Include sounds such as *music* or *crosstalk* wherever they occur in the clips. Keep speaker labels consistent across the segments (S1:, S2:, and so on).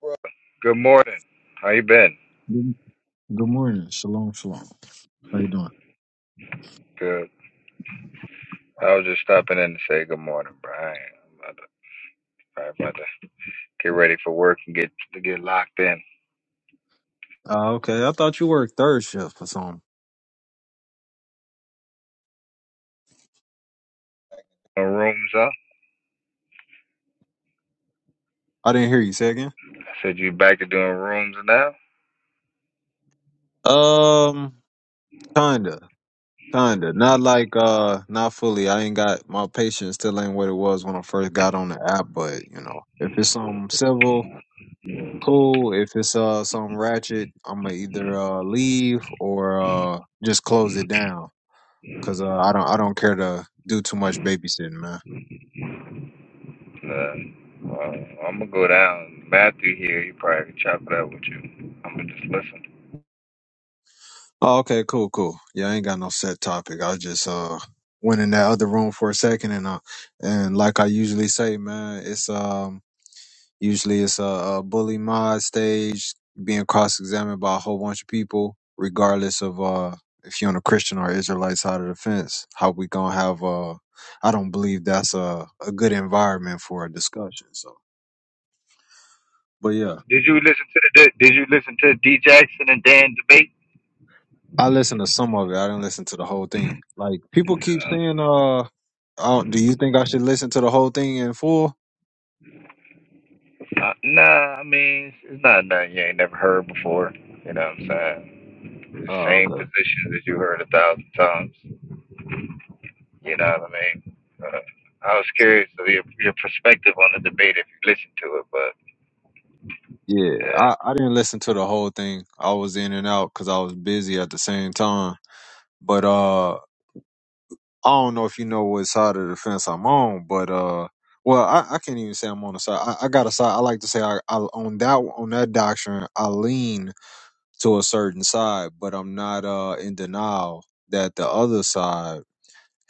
S1: bro? Good morning. How you been?
S2: Good good morning. Shalom, shalom. How you doing?
S1: Good. I was just stopping in to say good morning, Brian. I'm about to, probably about to get ready for work and get to get locked in.
S2: Ah, okay. I thought you worked third shift or something.
S1: No rooms up.
S2: I didn't hear you say again.
S1: I said you back to doing rooms now.
S2: Um, kinda, kinda. Not like uh, not fully. I ain't got my patience still ain't what it was when I first got on the app. But you know, if it's something civil, cool. If it's uh something ratchet, I'ma either uh leave or uh just close it down. Cause uh, I don't I don't care to do too much babysitting, man.
S1: Uh, well, I'm gonna go down. Matthew here. He probably can chop it up with you. I'm gonna just listen.
S2: Oh, okay, cool, cool. Yeah, I ain't got no set topic. I just uh went in that other room for a second, and uh, and like I usually say, man, it's um usually it's a, a bully mod stage being cross examined by a whole bunch of people, regardless of uh if you're on the Christian or Israelite side of the fence. How we gonna have uh? I don't believe that's a a good environment for a discussion. So, but yeah.
S1: Did you listen to the Did you listen to D Jackson and Dan debate?
S2: I listened to some of it. I didn't listen to the whole thing. Like people keep saying, uh, oh, do you think I should listen to the whole thing in full?
S1: Uh, nah, I mean it's it's not nothing you ain't never heard before. You know what I'm saying? The
S2: Oh,
S1: same
S2: okay.
S1: positions that you heard a thousand times. You know what I mean? Uh, I was curious of your your perspective on the debate if you listened to it, but
S2: Yeah,
S1: yeah.
S2: I, I didn't listen to the whole thing. I was in and out because I was busy at the same time. But uh, I don't know if you know what side of the fence I'm on. But uh, well, I, I can't even say I'm on the side. I, I got a side. I like to say I, I on that on that doctrine. I lean to a certain side, but I'm not uh in denial that the other side.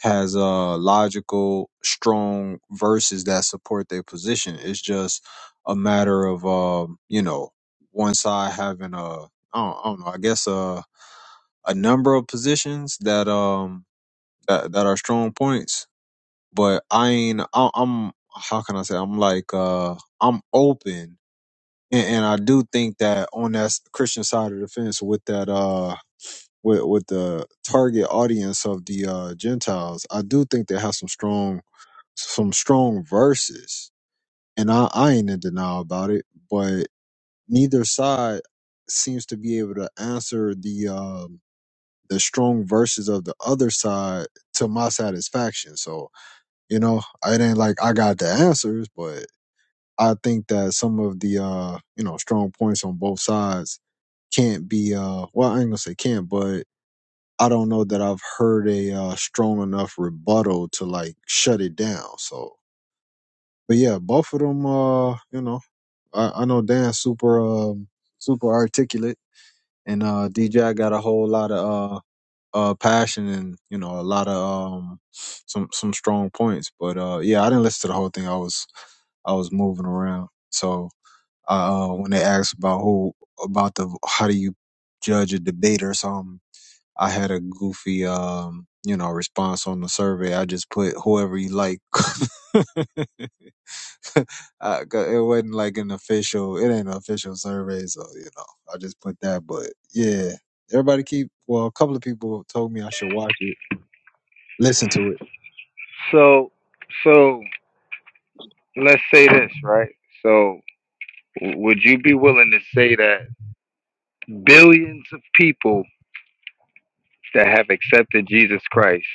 S2: has uh logical strong verses that support their position it's just a matter of um you know one side having a i don't, I don't know i guess uh a number of positions that um that, that are strong points but i ain't I, i'm how can i say i'm like uh i'm open and, and i do think that on that christian side of the fence with that uh with with the target audience of the uh gentiles i do think they have some strong some strong verses, and I, I ain't in denial about it. But neither side seems to be able to answer the um, the strong verses of the other side to my satisfaction. So you know, I ain't like I got the answers, but I think that some of the uh, you know strong points on both sides can't be uh well I ain't gonna say can't, but I don't know that I've heard a uh, strong enough rebuttal to like shut it down. So but yeah, both of them. Uh, you know, I, I know Dan's super, um, super articulate, and uh, DJ got a whole lot of uh, uh, passion and you know a lot of um, some some strong points. But uh, yeah, I didn't listen to the whole thing. I was I was moving around, so uh, uh, when they asked about who about the how do you judge a debate or something, I had a goofy um, you know response on the survey. I just put whoever you like. *laughs* *laughs* I, 'cause it wasn't like an official. It ain't an official survey, so you know, I just put that. But yeah, everybody keep. Well, a couple of people told me I should watch it, listen to it.
S1: So so let's say this, right? So w- would you be willing to say that billions of people that have accepted Jesus Christ,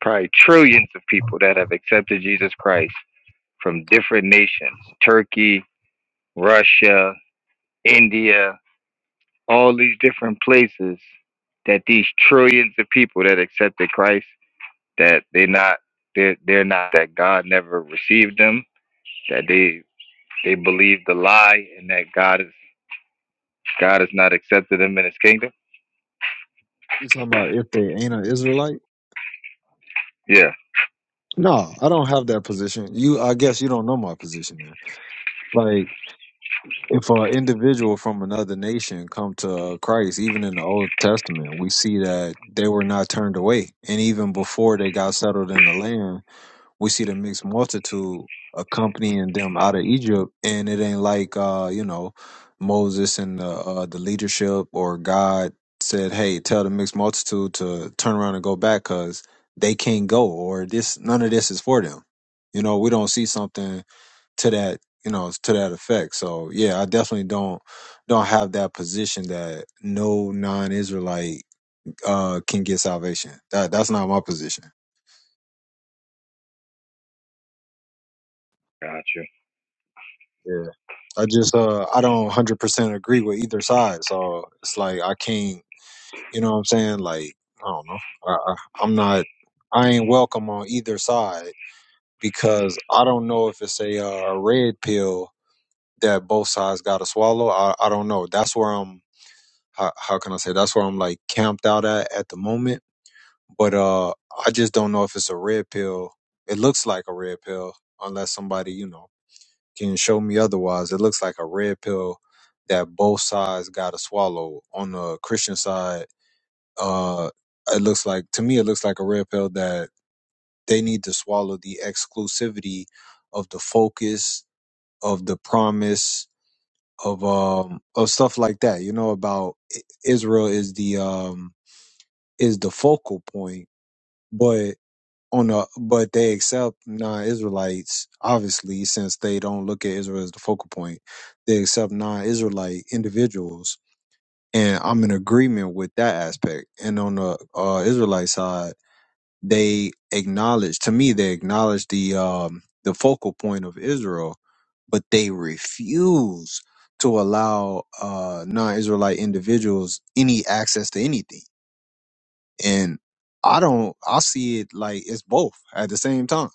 S1: probably trillions of people that have accepted Jesus Christ from different nations, Turkey, Russia, India, all these different places, that these trillions of people that accepted Christ that they're not they're they're not that God never received them, that they they believe the lie and that God is God has not accepted them in his kingdom.
S2: You talking about if they ain't an Israelite?
S1: Yeah.
S2: No, I don't have that position. You, I guess you don't know my position there. Like, if an individual from another nation come to Christ, even in the Old Testament, we see that they were not turned away, and even before they got settled in the land we see the mixed multitude accompanying them out of Egypt, and it ain't like uh, you know Moses and the uh, the leadership or God said, "Hey, tell the mixed multitude to turn around and go back, cause they can't go, or this none of this is for them." You know, we don't see something to that you know to that effect. So yeah, I definitely don't don't have that position that no non-Israelite uh, can get salvation. That that's not my position.
S1: Gotcha.
S2: Yeah. I just uh I don't hundred percent agree with either side. So it's like I can't you know what I'm saying? Like, I don't know. I, I I'm not I ain't welcome on either side because I don't know if it's a uh, a red pill that both sides gotta swallow. I, I don't know. That's where I'm how, how can I say that's where I'm like camped out at at the moment. But uh I just don't know if it's a red pill. It looks like a red pill unless somebody, you know can show me otherwise. It looks like a red pill that both sides got to swallow. On the Christian side, uh, it looks like to me, it looks like a red pill that they need to swallow the exclusivity of the focus of the promise of um of stuff like that. You know about I- Israel is the um is the focal point, but on the but they accept non-israelites obviously since they don't look at israel as the focal point they accept non-israelite individuals and i'm in agreement with that aspect and on the uh, israelite side they acknowledge to me they acknowledge the um the focal point of israel but they refuse to allow uh non-israelite individuals any access to anything and I don't, I see it like it's both at the same time.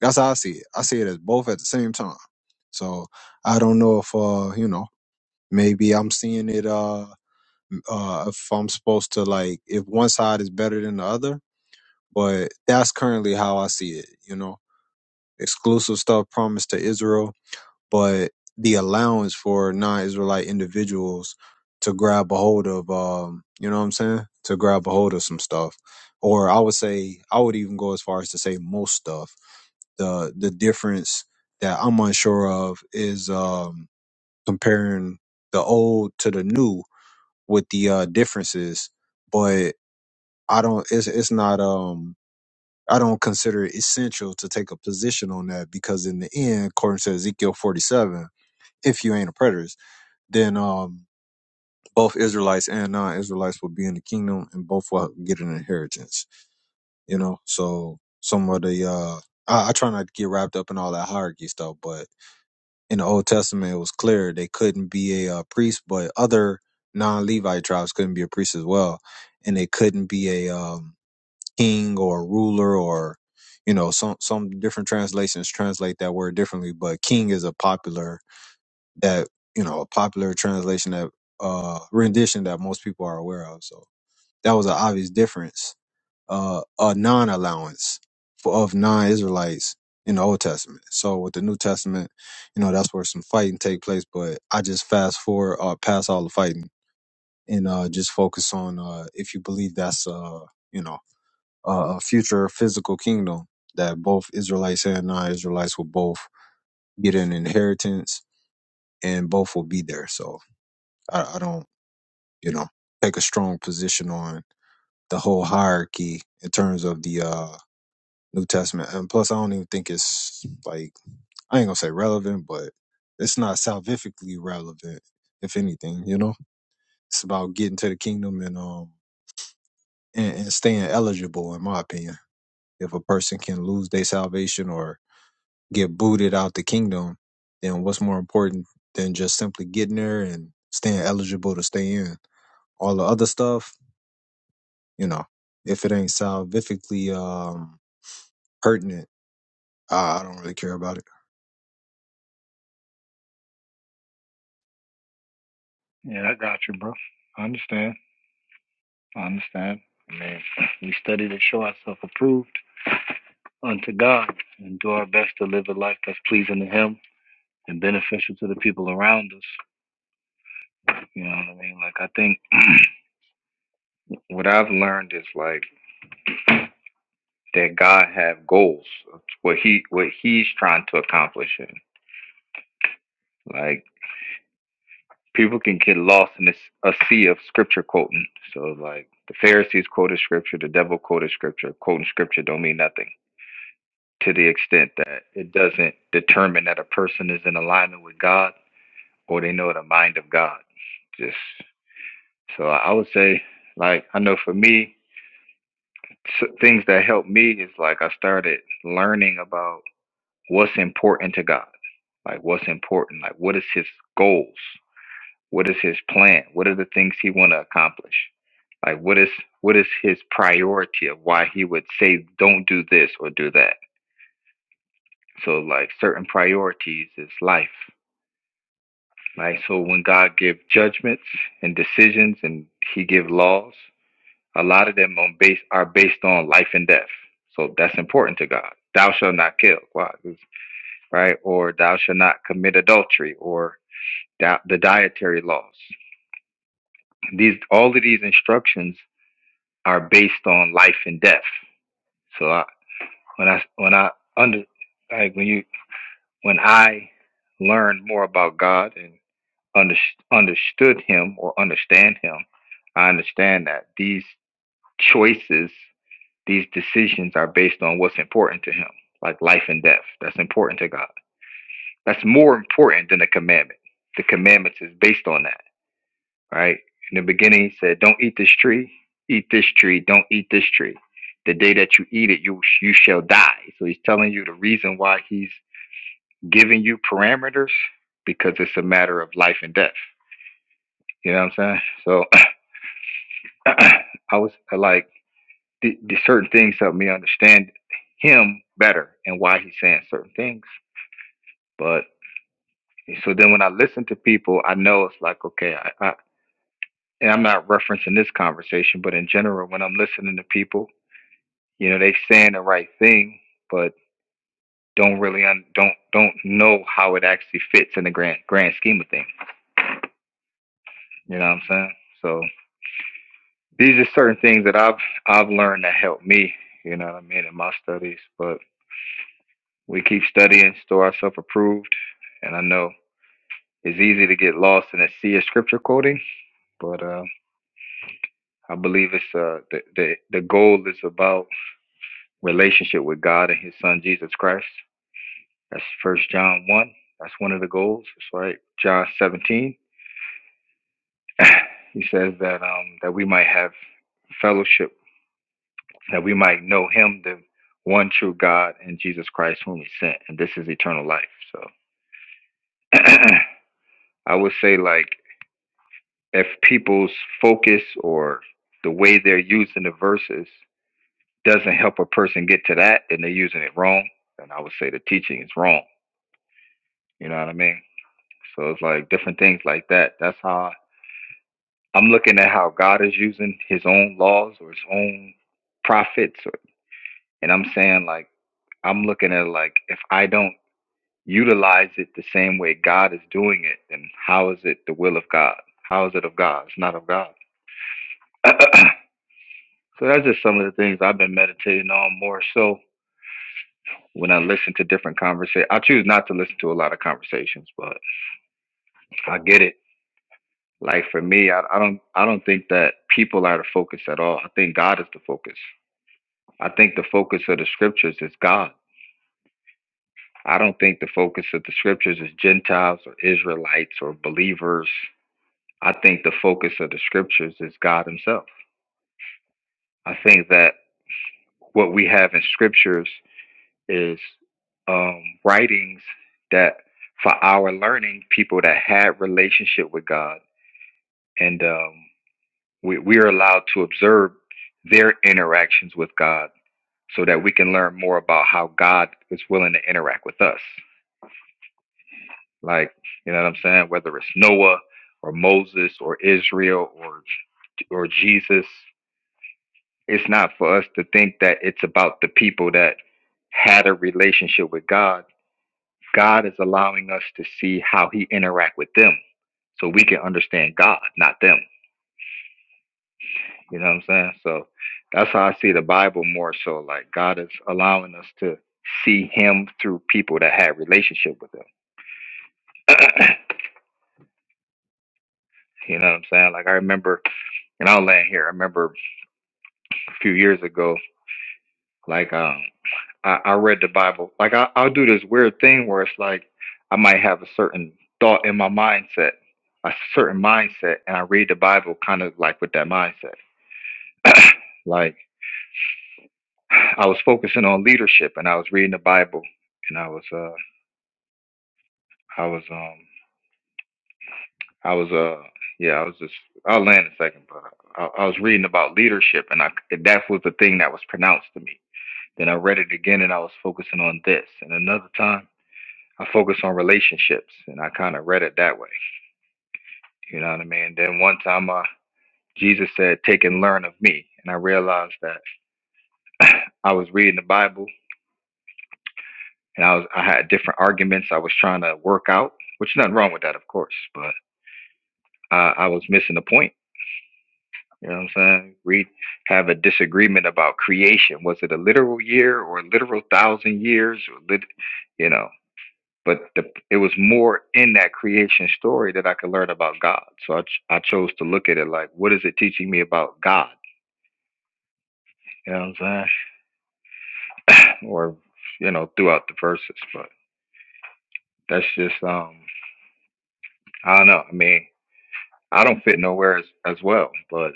S2: That's how I see it. I see it as both at the same time. So I don't know if, uh, you know, maybe I'm seeing it, uh, uh, if I'm supposed to like, if one side is better than the other, but that's currently how I see it, you know, exclusive stuff promised to Israel but the allowance for non-Israelite individuals to grab a hold of, um, you know what I'm saying? To grab a hold of some stuff, or I would say, I would even go as far as to say most stuff. The the difference that I'm unsure of is um, comparing the old to the new with the uh, differences, but I don't. It's it's not. Um, I don't consider it essential to take a position on that because in the end, according to Ezekiel 47 if you ain't a preterist, then um, both Israelites and non-Israelites will be in the kingdom, and both will get an inheritance. You know, so some of the uh, I, I try not to get wrapped up in all that hierarchy stuff, but in the Old Testament, it was clear they couldn't be a uh, priest, but other non-Levite tribes couldn't be a priest as well, and they couldn't be a um, king or a ruler or you know some some different translations translate that word differently, but king is a popular that you know a popular translation that uh rendition that most people are aware of so that was an obvious difference uh a non-allowance for of non-israelites in the old testament so with the new testament you know that's where some fighting take place but i just fast forward uh past all the fighting and uh just focus on uh if you believe that's uh you know a a future physical kingdom that both israelites and non-israelites will both get an inheritance and both will be there so I, I don't you know, take a strong position on the whole hierarchy in terms of the uh, New Testament. And plus, I don't even think it's like, I ain't gonna say relevant, but it's not salvifically relevant, if anything, you know? It's about getting to the kingdom and, um, and, and staying eligible, in my opinion. If a person can lose their salvation or get booted out the kingdom, then what's more important than just simply getting there and staying eligible to stay in? All the other stuff, You know, if it ain't salvifically um, pertinent, I, I don't really care about it.
S1: Yeah, I got you, bro. I understand. I understand. I mean, *laughs* we study to show ourselves approved unto God and do our best to live a life that's pleasing to Him and beneficial to the people around us. You know what I mean? Like, I think *clears throat* What I've learned is like that God have goals. What he what he's trying to accomplish in. Like people can get lost in this a sea of scripture quoting. So like the Pharisees quoted scripture, the devil quoted scripture. Quoting scripture don't mean nothing to the extent that it doesn't determine that a person is in alignment with God or they know the mind of God. Just so I I would say like I know for me s- things that helped me is like I started learning about what's important to God? Like what's important? Like what is his goals? What is his plan? What are the things he want to accomplish? Like what is what is his priority of why he would say don't do this or do that? So like certain priorities is life. Right? So when God give judgments and decisions and he give laws, a lot of them on base are based on life and death. So that's important to God. Thou shalt not kill. Why? Right? Or thou shalt not commit adultery or di- the dietary laws. These all of these instructions are based on life and death. So I, when I when I under like when you when I learned more about God and under, understood Him or understand Him, I understand that these choices, these decisions are based on what's important to Him, like life and death. That's important to God. That's more important than the commandment. The commandments is based on that right? In the beginning, he said, Don't eat this tree, eat this tree, don't eat this tree. The day that you eat it, you, you shall die. So he's telling you the reason why he's giving you parameters because it's a matter of life and death. You know what I'm saying? So *clears throat* I was uh, like, the, the certain things help me understand him better and why he's saying certain things. But so then when I listen to people, I know it's like, okay, I, I and I'm not referencing this conversation, but in general, when I'm listening to people, You know, they saying the right thing, but don't really un- don't don't know how it actually fits in the grand grand scheme of things. You know what I'm saying? So these are certain things that I've I've learned that help me. You know what I mean in my studies, but we keep studying, store ourselves approved, and I know it's easy to get lost in a sea of scripture quoting, but uh, I believe it's uh, the the the goal is about relationship with God and His Son Jesus Christ. That's First John one. That's one of the goals. That's right. John seventeen. *clears throat* *laughs* he says that um that we might have fellowship, that we might know Him, the one true God, and Jesus Christ, whom He sent, and this is eternal life. So *clears throat* I would say like if people's focus or the way they're using the verses doesn't help a person get to that, and they're using it wrong, then I would say the teaching is wrong. You know what I mean? So it's like different things like that. That's how I'm looking at how God is using his own laws or his own prophets. Or, and I'm saying, like, I'm looking at, it like, if I don't utilize it the same way God is doing it, then how is it the will of God? How is it of God? It's not of God. *clears throat* so that's just some of the things I've been meditating on more so when I listen to different conversations. I choose not to listen to a lot of conversations, but I get it. Like for me, I, I don't I don't think that people are the focus at all. I think God is the focus. I think the focus of the scriptures is God. I don't think the focus of the scriptures is Gentiles or Israelites or believers. I think the focus of the scriptures is God Himself. I think that what we have in scriptures is um, writings that, for our learning, people that had relationship with God, and um, we we are allowed to observe their interactions with God, so that we can learn more about how God is willing to interact with us. Like, you know what I'm saying? Whether it's Noah or Moses or Israel or or Jesus, it's not for us to think that it's about the people that had a relationship with God. God is allowing us to see how he interact with them so we can understand God, not them. You know what I'm saying? So that's how I see the Bible more so like God is allowing us to see him through people that had relationship with him. *coughs* *clears throat* you know what I'm saying? Like I remember and I'll land here. I remember few years ago. Like um, I, I read the Bible. Like I, I'll do this weird thing where it's like I might have a certain thought in my mindset, a certain mindset, and I read the Bible kind of like with that mindset. Like I was focusing on leadership, and I was reading the Bible, and I was uh, I was um, I was uh, yeah, I was just I'll land in a second, but I, I was reading about leadership, and I that was the thing that was pronounced to me. Then I read it again, and I was focusing on this, and another time. I focus on relationships, and I kind of read it that way. You know what I mean? Then one time, uh, Jesus said, "Take and learn of me," and I realized that *clears throat* I was reading the Bible, and I was I had different arguments I was trying to work out, which is nothing wrong with that, of course, but uh, I was missing the point. You know what I'm saying? We have a disagreement about creation. Was it a literal year or a literal thousand years? Or lit, you know? but the, it was more in that creation story that I could learn about God. So I, ch- I chose to look at it like, what is it teaching me about God? You know what I'm saying? Or, you know, throughout the verses. But that's just, um, I don't know. I mean, I don't fit nowhere as, as well, but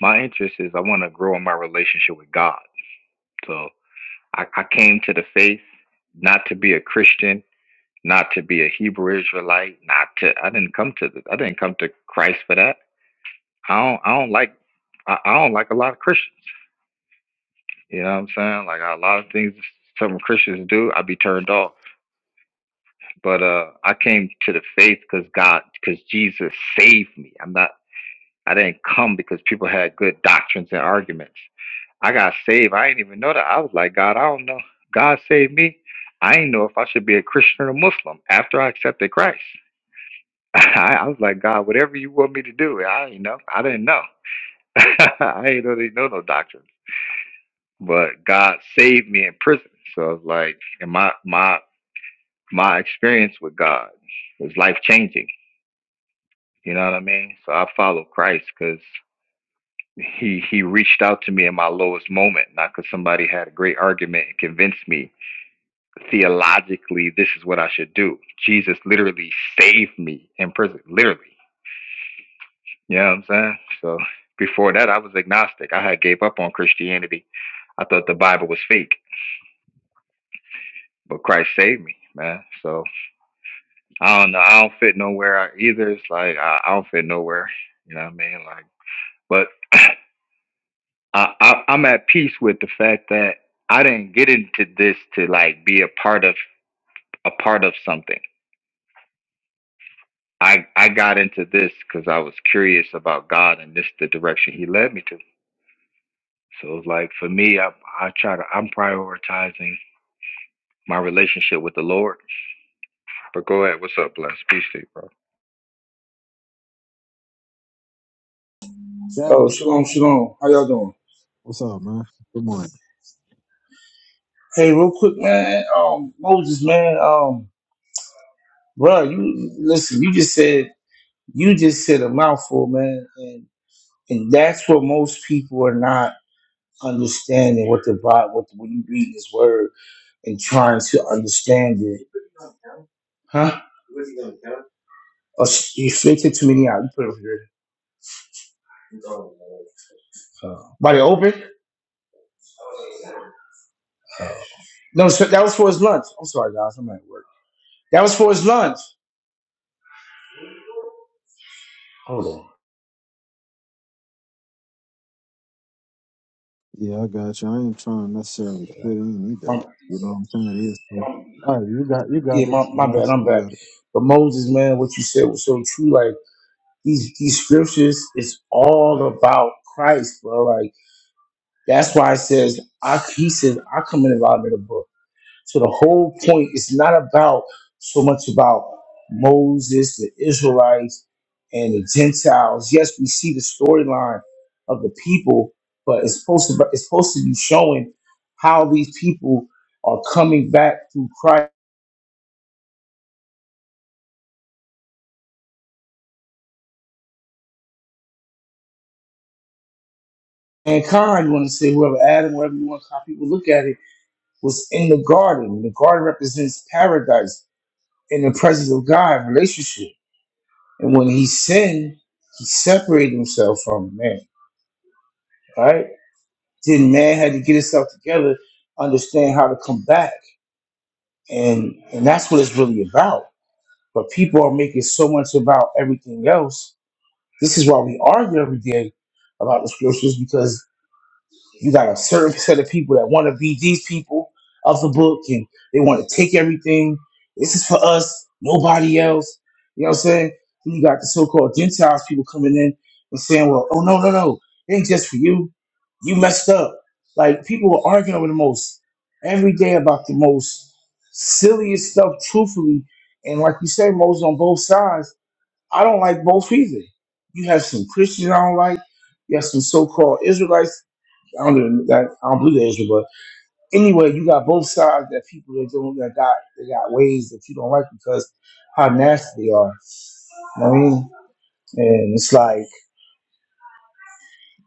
S1: my interest is I want to grow in my relationship with God. So I, I came to the faith not to be a Christian, not to be a Hebrew Israelite, not to, I didn't come to, the, I didn't come to Christ for that. I don't I don't like I, I don't like a lot of Christians. You know what I'm saying? Like a lot of things some Christians do, I'd be turned off. But uh, I came to the faith because God, because Jesus saved me. I'm not. I didn't come because people had good doctrines and arguments. I got saved. I didn't even know that. I was like, God, I don't know. God saved me. I didn't know if I should be a Christian or a Muslim after I accepted Christ. *laughs* I, I was like, God, whatever you want me to do, I didn't know. I didn't know. *laughs* I didn't know they know no doctrine. but God saved me in prison. So it's like, and my my my experience with God was life changing. You know what I mean? So I follow Christ because he he reached out to me in my lowest moment, not because somebody had a great argument and convinced me theologically this is what I should do. Jesus literally saved me in prison, literally. You know what I'm saying? So before that, I was agnostic. I had gave up on Christianity. I thought the Bible was fake, but Christ saved me, man. So I don't know. I don't fit nowhere uh, either. It's like I, I don't fit nowhere. You know what I mean? Like, but *clears throat* I, I, I'm at peace with the fact that I didn't get into this to like be a part of a part of something. I I got into this because I was curious about God and this the direction He led me to. So it's like for me, I I try to I'm prioritizing my relationship with the Lord. But go ahead, what's up, bless? Peace to you, bro.
S3: Oh,
S2: Captain,
S3: shalom, shalom. How y'all doing?
S2: what's up, man? Good morning.
S3: Hey, real quick, man. Um, Moses, man. Um, bro, you listen. You just said you just said a mouthful, man, and and that's what most people are not understanding what the Bible, what when you read this word and trying to understand it, huh? Oh, sh- you faked it to me now. You put it over here. Uh, by the open? No, so that was for his lunch. I'm sorry, guys. I'm at work. That was for his lunch. Hold
S2: Yeah, I got you. I ain't trying to necessarily fit in either.
S3: on.
S2: You know what I'm saying? It is. All right, you got you got
S3: yeah,
S2: it.
S3: my, my bad,
S2: Bless
S3: I'm
S2: you
S3: back.
S2: got it.
S3: But Moses, man, what you said was so true. Like these these scriptures is all about Christ, bro. Like that's why it says I he says I come in the bottom of the book. So the whole point is not about so much about Moses, the Israelites, and the Gentiles. Yes, we see the storyline of the people, but it's supposed to it's supposed to be showing how these people are coming back through Christ mankind, you want to say whoever Adam, whatever you want how people look at it, was in the garden. The garden represents paradise in the presence of God, relationship. And when he sinned, he separated himself from man. Right? Then man had to get himself together, understand how to come back. And and that's what it's really about. But people are making so much about everything else. This is why we argue every day about the scriptures because You got a certain set of people that want to be these people of the book and they want to take everything. This is for us, nobody else. You know what I'm saying? Then you got the so called Gentiles people coming in and saying, well, oh, no, no, no. It ain't just for you. You messed up. Like people were arguing over the most every day about the most silliest stuff, truthfully. And like you say, Moses on both sides. I don't like both either. You have some Christians I don't like. You have some so called Israelites I don't even that I don't believe that Israel, but anyway, you got both sides that people that don't that got they got ways that you don't like because how nasty they are. You know what I mean? And it's like,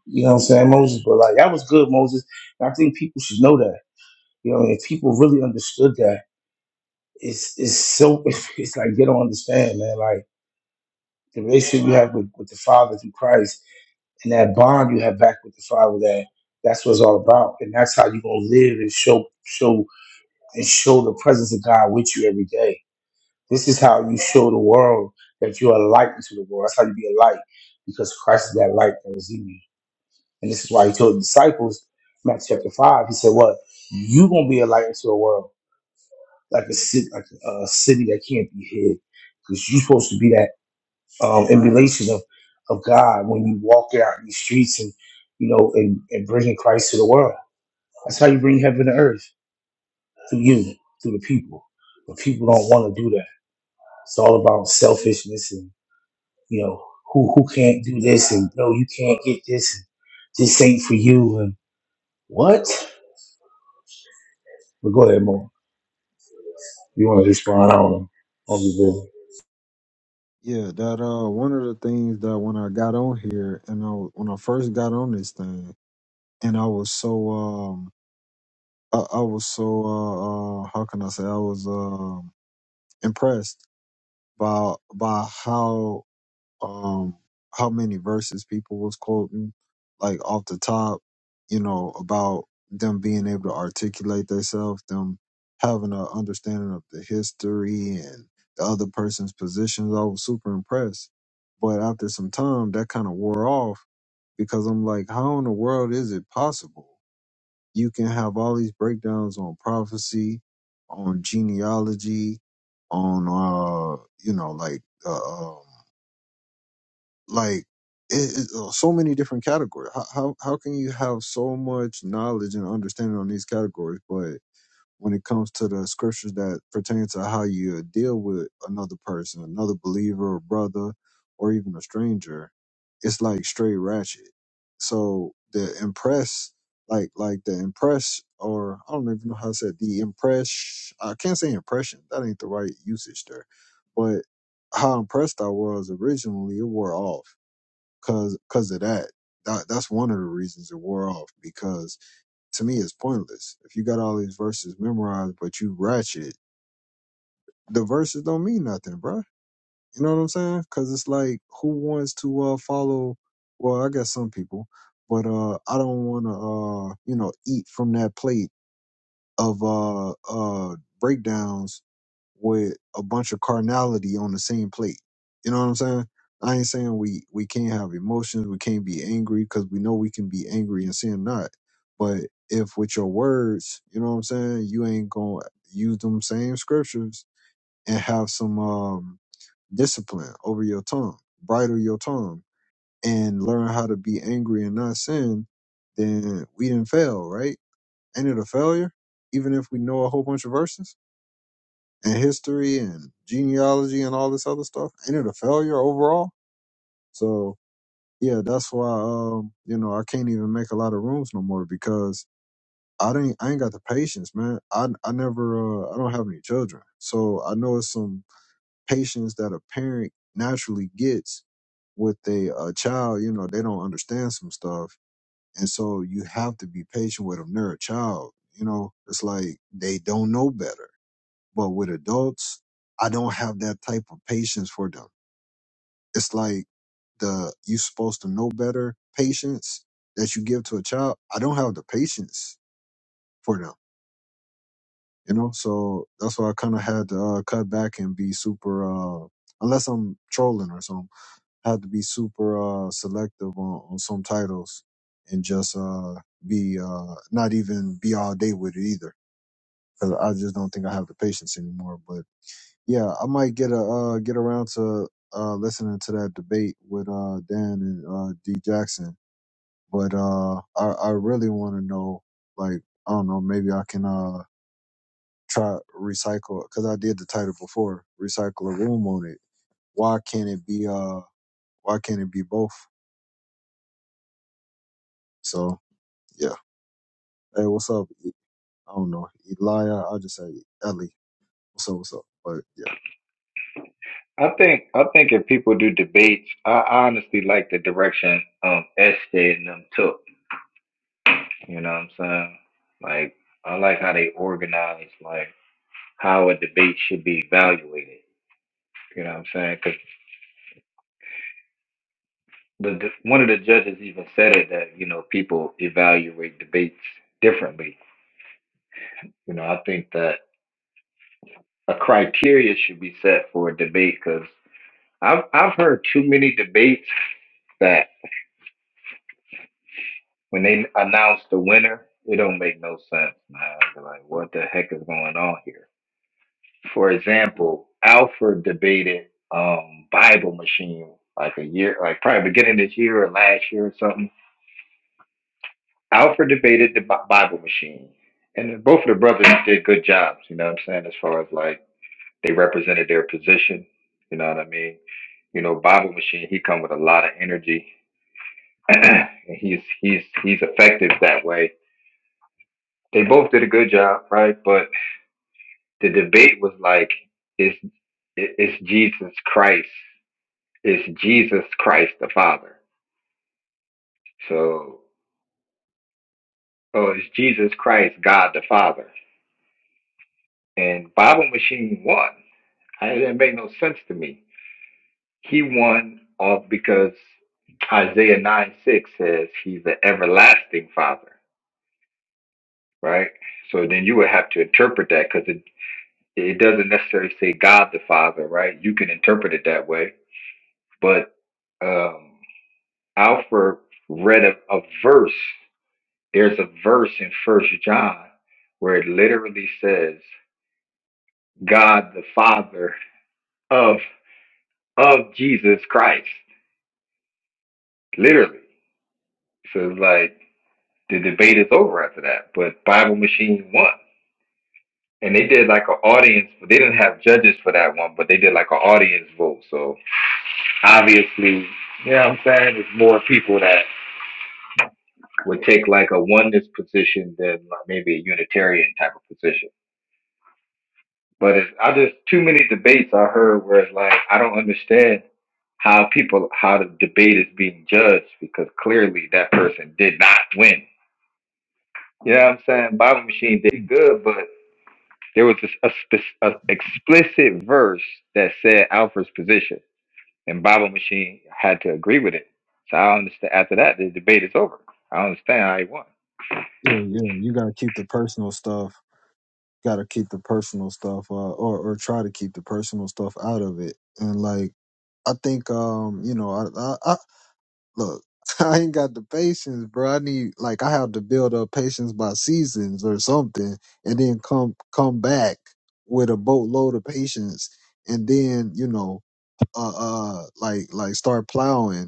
S3: you know what I'm saying, Moses, but like that was good, Moses. And I think people should know that. You know, if people really understood that, it's it's so *laughs* it's like they don't understand, man. Like the relationship you have with, with the Father through Christ and that bond you have back with the Father that that's what it's all about. And that's how you gonna live and show show and show the presence of God with you every day. This is how you show the world that you are a light into the world. That's how you be a light because Christ is that light that is in you. And this is why he told the disciples, Matthew chapter 5, he said, What? You're going to be a light into the world, like a city, like a city that can't be hid. Because you're supposed to be that um, emulation of, of God when you walk out in these streets and, you know, and, and bringing Christ to the world. That's how you bring heaven to earth through you, through the people. But people don't want to do that. It's all about selfishness and you know who who can't do this and no you can't get this. And this ain't for you and what? But go ahead, Mo. You want to respond? I don't know. I'll be good.
S2: Yeah, that uh, one of the things that when I got on here and I w- when I first got on this thing and I was so um I, I was so uh, uh how can I say I was um impressed by by how um how many verses people was quoting like off the top you know about them being able to articulate themselves them having an understanding of the history and the other person's positions i was super impressed but after some time that kind of wore off because i'm like how in the world is it possible you can have all these breakdowns on prophecy on genealogy on uh you know like uh, um like it, it, uh, so many different categories. How, how how can you have so much knowledge and understanding on these categories, but when it comes to the scriptures that pertain to how you uh, deal with another person, another believer or brother, or even a stranger, it's like straight ratchet. So the impress, like like the impress, or I don't even know how to say it, the impress. I can't say impression. That ain't the right usage there, but how impressed I was originally, it wore off cause cause of that. That that's one of the reasons it wore off because to me it's pointless. If you got all these verses memorized but you ratchet, the verses don't mean nothing, bruh. You know what I'm saying? Cause it's like who wants to uh follow well, I guess some people, but uh I don't wanna uh, you know, eat from that plate of uh uh breakdowns with a bunch of carnality on the same plate. You know what I'm saying? I ain't saying we we can't have emotions, we can't be angry because we know we can be angry and sin not. But if with your words, you know what I'm saying, you ain't gonna use them same scriptures and have some um discipline over your tongue, bridle your tongue, and learn how to be angry and not sin, then we didn't fail, right? Ain't it a failure? Even if we know a whole bunch of verses and history and genealogy and all this other stuff, ain't it a failure overall? So yeah, that's why um, you know, I can't even make a lot of rooms no more because I didn't I ain't got the patience, man. I I never uh, I don't have any children. So I know it's some patience that a parent naturally gets with a, a child, you know, they don't understand some stuff. And so you have to be patient with them. They're a child. You know, it's like they don't know better. But with adults, I don't have that type of patience for them. It's like the you supposed to know better patience that you give to a child. I don't have the patience for them, you know. So that's why I kind of had to uh, cut back and be super, uh, unless I'm trolling or something. I had to be super uh, selective on, on some titles and just uh, be uh, not even be all day with it either, because I just don't think I have the patience anymore. But Yeah, I might get a uh, get around to uh, listening to that debate with uh, Dan and uh, D Jackson, but uh, I I really want to know like I don't know maybe I can uh, try recycle because I did the title before recycle a room on it. Why can't it be uh Why can't it be both? So yeah, hey, what's up? E- I don't know Elia. I'll just say Ellie. What's up? What's up? But yeah,
S1: I think I think if people do debates, I I honestly like the direction um Estee and them took. You know what I'm saying? Like I like how they organize, like how a debate should be evaluated. You know what I'm saying? Because the, the one of the judges even said it that you know people evaluate debates differently. You know, I think that a criteria should be set for a debate because I've I've heard too many debates When they announce the winner, it don't make no sense, man. They're like, what the heck is going on here? For example, Alfred debated um, Bible Machine like a year, like probably beginning this year or last year or something. Alfred debated the Bi- Bible Machine, and both of the brothers did good jobs. You know what I'm saying? As far as like they represented their position. You know what I mean? you know, Bible Machine, he come with a lot of energy. *clears throat* and he's he's he's effective that way they both did a good job, right? But the debate was like, is it's Jesus Christ? Is Jesus Christ the Father? So, oh, is Jesus Christ God the Father? And Bible Machine won. I, that made no sense to me. He won off because Isaiah 9 6 says he's the everlasting Father, right? So then you would have to interpret that because it, it doesn't necessarily say God the Father, right? You can interpret it that way But um, Alfred read a, a verse. There's a verse in First John where it literally says, "God the Father of of Jesus Christ." Literally, so it's like the debate is over after that. But Bible Machine won, and they did like an audience. But they didn't have judges for that one, but they did like an audience vote. So obviously, you know what I'm saying? There's more people that would take like a oneness position than like maybe a Unitarian type of position. But it's, I just too many debates I heard where it's like I don't understand how people how the debate is being judged because clearly that person did not win. You know what I'm saying? Bible Machine did good, but there was this, a, spec- a explicit verse that said Alfred's position, and Bible Machine had to agree with it. So I understand. After that, the debate is over. I understand how he won.
S2: yeah, yeah. You gotta keep the personal stuff got to keep the personal stuff uh, or or try to keep the personal stuff out of it and like i think um you know i i, I look *laughs* i ain't got the patience bro i need like i have to build up patience by seasons or something and then come come back with a boatload of patience and then you know uh uh like like start plowing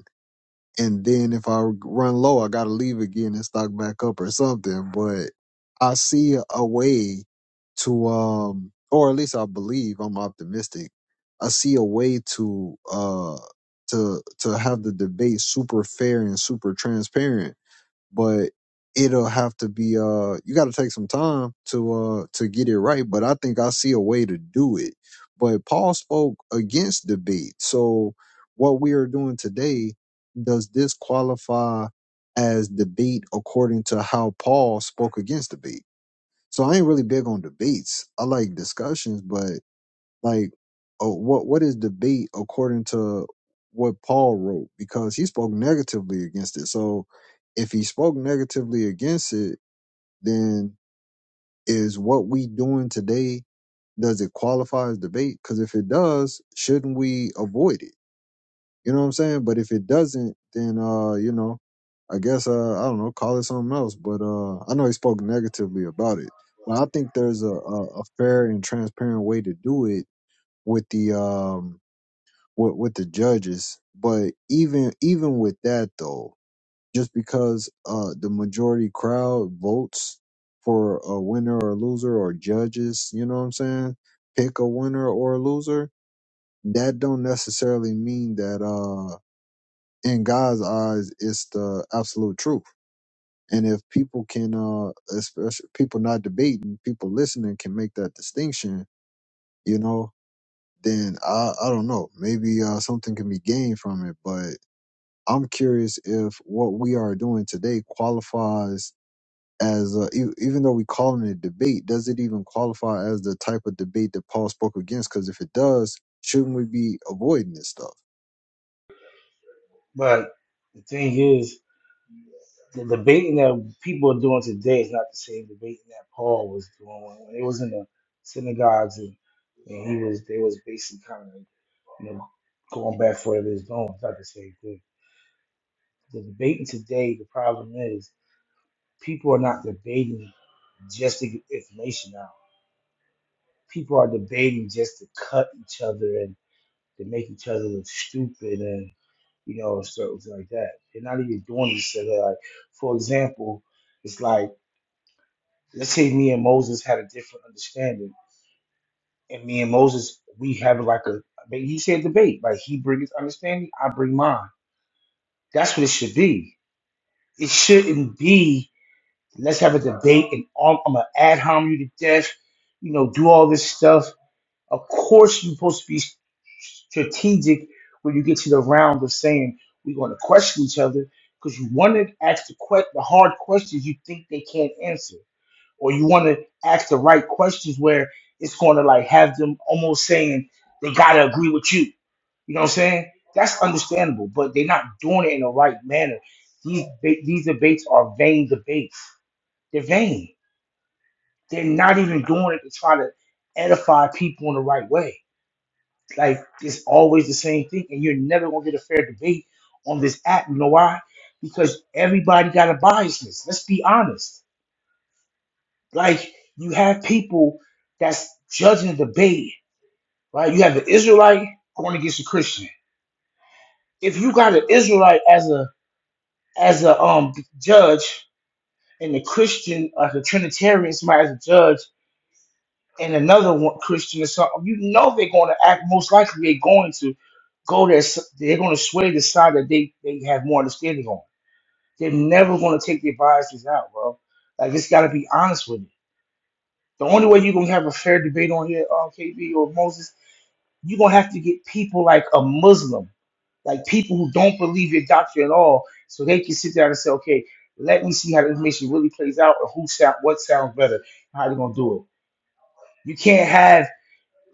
S2: and then if I run low, I gotta leave again and stock back up or something. But I see a way to, um, or at least I believe I'm optimistic. I see a way to, uh, to to have the debate super fair and super transparent but it'll have to be uh you got to take some time to uh to get it right but i think i see a way to do it but paul spoke against debate so what we are doing today does this qualify as debate according to how paul spoke against debate so i ain't really big on debates i like discussions but like, oh, what what is debate according to what Paul wrote? Because he spoke negatively against it. So, if he spoke negatively against it, then is what we doing today does it qualify as debate? Because if it does, shouldn't we avoid it? You know what I'm saying? But if it doesn't, then uh, you know, I guess uh, I don't know, call it something else. But uh, I know he spoke negatively about it. But I think there's a, a, a fair and transparent way to do it with the um with with the judges. But even even with that though, just because uh the majority crowd votes for a winner or loser or judges, you know what I'm saying, pick a winner or a loser, that don't necessarily mean that uh in God's eyes it's the absolute truth. And if people can uh especially people not debating, people listening can make that distinction, you know, then I I don't know. Maybe uh something can be gained from it, but I'm curious if what we are doing today qualifies as a, e- even though we calling it debate, does it even qualify as the type of debate that Paul spoke against? Because if it does, shouldn't we be avoiding this stuff?
S3: But the thing is, the debating that people are doing today is not the same debating that Paul was doing when, when it was in the synagogues and, and he was they was basically kind of you know going back for whatever it's doing. It's not the same thing. The debating today, the problem is people are not debating just to get information out. People are debating just to cut each other and to make each other look stupid and you know stuff like that. They're not even doing this. So like, for example, it's like let's say me and Moses had a different understanding, and me and Moses we have like a he said debate. Like he brings his understanding, I bring mine. That's what it should be. It shouldn't be let's have a debate and all, I'm gonna ad hom you to death. You know, do all this stuff Of course, you're supposed to be strategic when you get to the round of saying we're going to question each other because you want to ask the, que- the hard questions you think they can't answer, or you want to ask the right questions where it's going to like have them almost saying they got to agree with you. You know what I'm saying? That's understandable, but they're not doing it in the right manner. These ba- these debates are vain debates. They're vain. They're not even doing it to try to edify people in the right way like it's always the same thing, and you're never gonna get a fair debate on this app. You know why? Because everybody got a biasness. Let's be honest. Like you have people that's judging the debate, right? You have an Israelite going against a Christian. If you got an Israelite as a as a um judge and the Christian as the Trinitarian, somebody as a judge and another one Christian or something, you know they're going to act. Most likely, they're going to go there. s- They're going to sway the side that they they have more understanding on. They're never going to take their biases out, bro. Like it's got to be honest with it. The only way you're gonna have a fair debate on here, uh, KB or Moses, you're gonna have to get people like a Muslim, like people who don't believe your doctrine at all, so they can sit down and say, okay, let me see how the information really plays out, or who sound what sounds better, how they're gonna do it. You can't have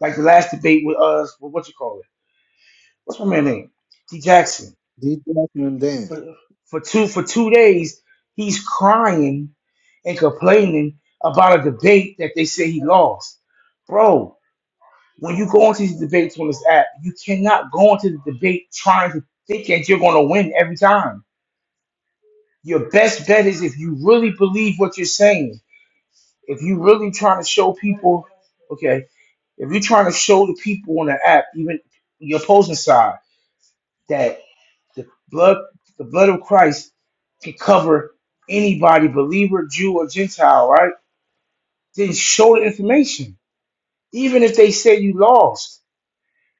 S3: Like the last debate with us, with what you call it? What's my man name? T Jackson.
S2: D. Jackman Dan.
S3: For, for two for two days, he's crying and complaining about a debate that they say he lost. Bro, when you go into these debates on this app, you cannot go into the debate trying to think that you're going to win every time. Your best bet is if you really believe what you're saying, if you really trying to show people, okay, if you're trying to show the people on the app, even your opposing side, that. The blood, the blood of Christ can cover anybody, believer, Jew, or Gentile, right? Then show the information. Even if they say you lost,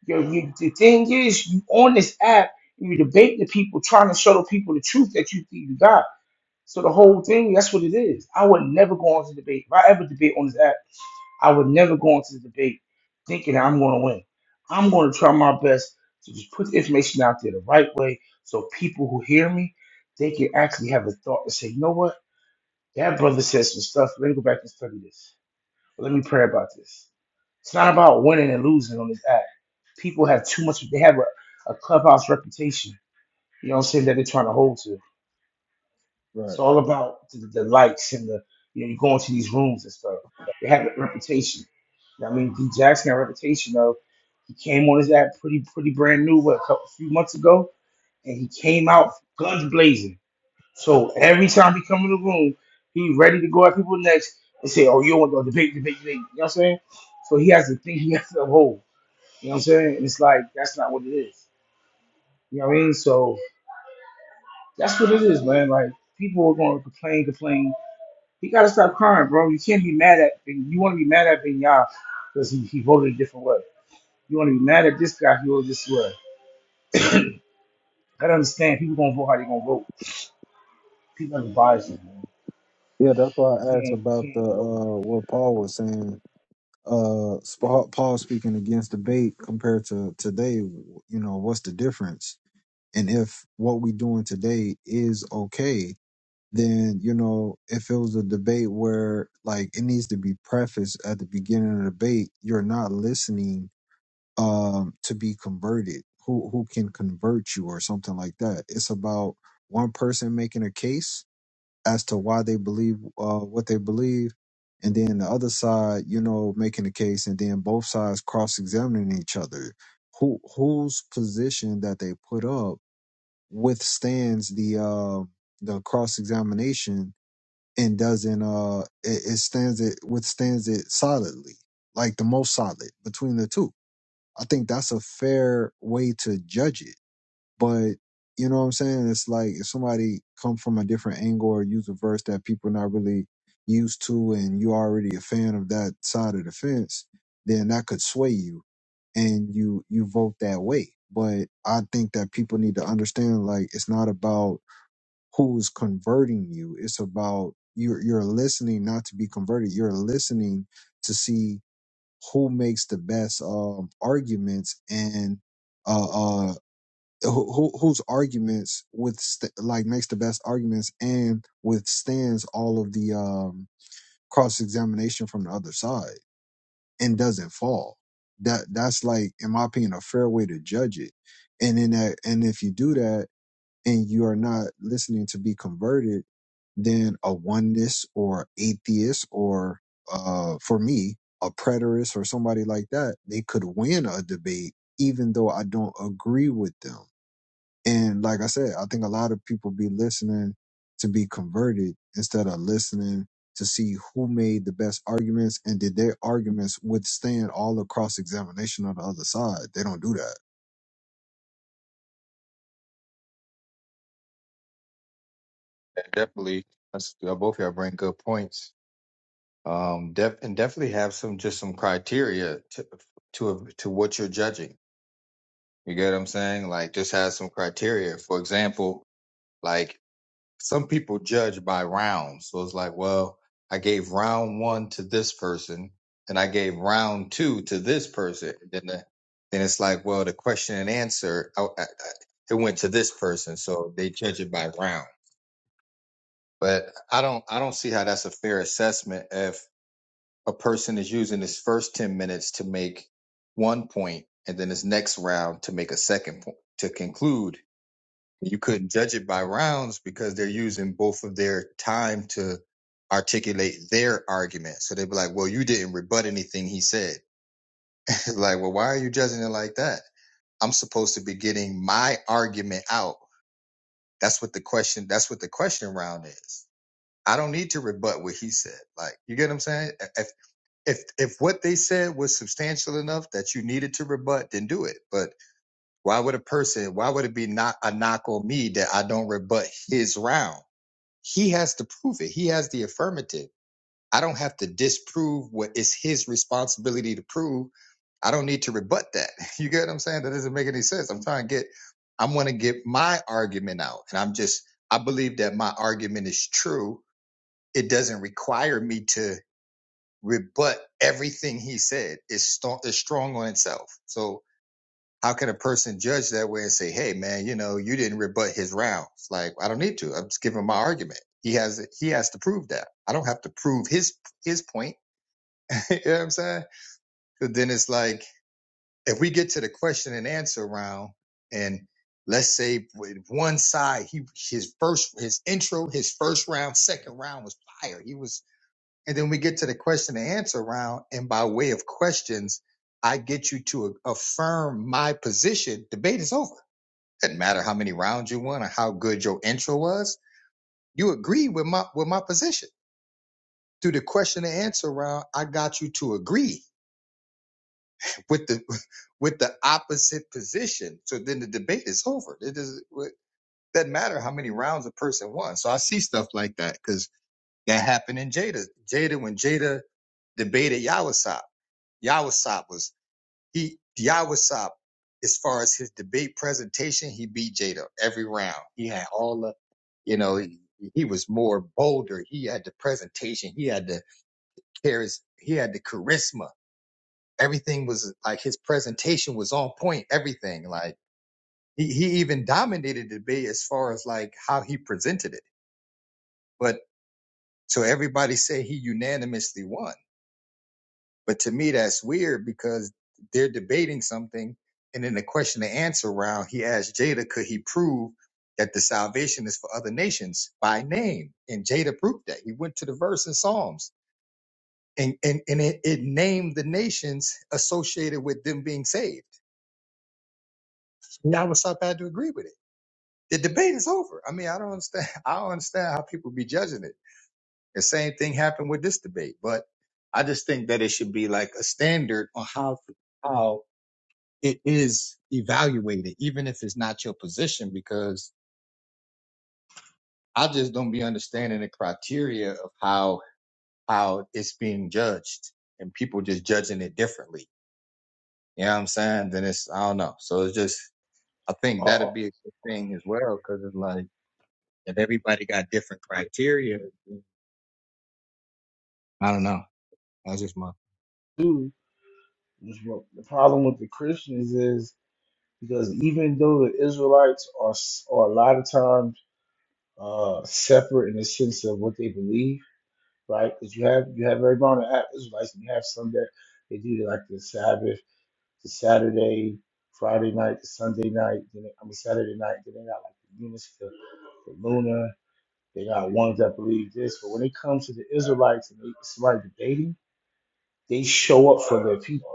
S3: you, you, the thing is, you on this app, you debate the people, trying to show the people the truth that you think you got. So the whole thing, that's what it is. I would never go on to debate. If I ever debate on this app, I would never go into the debate thinking that I'm going to win. I'm going to try my best to just put the information out there the right way so people who hear me, they can actually have a thought and say, you know what? That brother said some stuff. Let me go back and study this. Let me pray about this. It's not about winning and losing on this app. People have too much, they have a, a clubhouse reputation, you know what I'm saying, that they're trying to hold to. It's
S2: Right.
S3: all about the, the lights and the you know you go into these rooms and stuff. They have a reputation. I mean, D Jackson had a reputation of he came on his app pretty pretty brand new what a couple few months ago, and he came out guns blazing. So every time he come in the room, he ready to go at people next and say, "Oh, you don't want to debate, debate, debate." You know what I'm saying? So he has to think he has to uphold. You know what I'm saying? And it's like that's not what it is. You know what I mean? So that's what it is, man. Like people are gonna complain, complain. He gotta stop crying, bro. You can't be mad at and you wanna be mad at Vinyard because he, he voted a different way. You wanna be mad at this guy, he voted this way. I gotta understand people gonna vote how they gonna vote. People are biased, man.
S2: Yeah, that's why
S3: You
S2: I asked
S3: can't you
S2: about the
S3: can't get over it.
S2: uh, what Paul was saying. Uh, Spa- Paul speaking against debate compared to today. You know, what's the difference? And if what we doing today is okay, then you know if it was a debate where like it needs to be prefaced at the beginning of the debate you're not listening um to be converted who who can convert you or something like that it's about one person making a case as to why they believe uh what they believe and then the other side you know making a case and then both sides cross-examining each other who whose position that they put up withstands the uh the cross-examination and doesn't uh it, it stands it withstands it solidly like the most solid between the two i think that's a fair way to judge it but you know what i'm saying it's like if somebody come from a different angle or use a verse that people not really used to and you are already a fan of that side of the fence then that could sway you and you you vote that way but i think that people need to understand like it's not about who's converting you. It's about you're you're listening not to be converted. You're listening to see who makes the best um, arguments and uh, uh, who, who whose arguments with like makes the best arguments and withstands all of the um, cross examination from the other side and doesn't fall. That that's like, in my opinion, a fair way to judge it. And in that, and if you do that, and you are not listening to be converted than a oneness or atheist or uh for me a preterist or somebody like that they could win a debate even though i don't agree with them and like i said i think a lot of people be listening to be converted instead of listening to see who made the best arguments and did their arguments withstand all the cross examination on the other side they don't do that
S1: Yeah, definitely. That's, uh, both of y'all bring good points. Um, def- and definitely have some just some criteria to to to what you're judging. You get what I'm saying? Like, just have some criteria. For example, like some people judge by rounds. So it's like, well, I gave round one to this person, and I gave round two to this person. Then the, then it's like, well, the question and answer I, I, I- it went to this person, so they judge it by round. But I don't I don't see how that's a fair assessment if a person is using his first 10 minutes to make one point and then his next round to make a second point to conclude. You couldn't judge it by rounds because they're using both of their time to articulate their argument. So they'd be like, well, you didn't rebut anything he said. *laughs* like, well, why are you judging it like that? I'm supposed to be getting my argument out. That's what the question, that's what the question round is I don't need to rebut what he said. Like, you get what I'm saying? If if if what they said was substantial enough that you needed to rebut, then do it. But why would a person? Why would it be not a knock on me that I don't rebut his round? He has to prove it. He has the affirmative. I don't have to disprove what is his responsibility to prove. I don't need to rebut that. *laughs* You get what I'm saying? That doesn't make any sense. I'm trying to get. I'm going to get my argument out, and I'm just. I believe that my argument is true it doesn't require me to rebut everything he said. It's, st- it's strong on itself. So how can a person judge that way and say, "Hey, man, you know, you didn't rebut his rounds"? Like I don't need to. I'm just giving my argument. He has he has to prove that. I don't have to prove his his point. *laughs* you know what I'm saying? But then it's like if we get to the question and answer round, and let's say with one side, he his first his intro, his first round, second round was fire. He was And then we get to the question and answer round. And by way of questions, I get you to a- affirm my position. Debate is over. Doesn't matter how many rounds you won or how good your intro was. You agree with my with my position. Through the question and answer round, I got you to agree with the *laughs* with the opposite position. So then the debate is over. It doesn't it doesn't matter how many rounds a person won. So I see stuff like that because that happened in Jada. Jada when Jada debated Yawasop. Yawasop was He Diawasop, as far as his debate presentation, he beat Jada every round. He had all the, you know, he, he was more bolder. He had the presentation. He had the charis. He had the charisma. Everything was like his presentation was on point. Everything like he he even dominated the debate as far as like how he presented it. But so everybody say he unanimously won. But to me, that's weird because they're debating something. And in the question and answer round, he asked Jada, could he prove that the salvation is for other nations by name? And Jada proved that. He went to the verse in Psalms and, and, and it, it named the nations associated with them being saved. Yahweh Sap had to agree with it. The debate is over. I mean, I don't understand. *laughs* I don't understand how people be judging it. The same thing happened with this debate, but I just think that it should be like a standard on how, how it is evaluated, even if it's not your position, because I just don't be understanding the criteria of how how it's being judged and people just judging it differently. You know what I'm saying? Then it's I don't know. So it's just I think
S3: Uh, uh,
S1: that'd be a good thing as well, because it's like if everybody got different criteria, I don't know. That's just my
S3: dude, this what- the problem with the Christians is because even though the Israelites are s- are a lot of times uh separate in the sense of what they believe, right? Because you have you have everybody on the app Israelites and you have some that they do like the Sabbath to Saturday, Friday night to Sunday night. Then they, I mean Saturday night. Then they got like the units for, for Luna. They got ones that believe this. But when it comes to the Israelites and they, somebody debating, they show up for their people.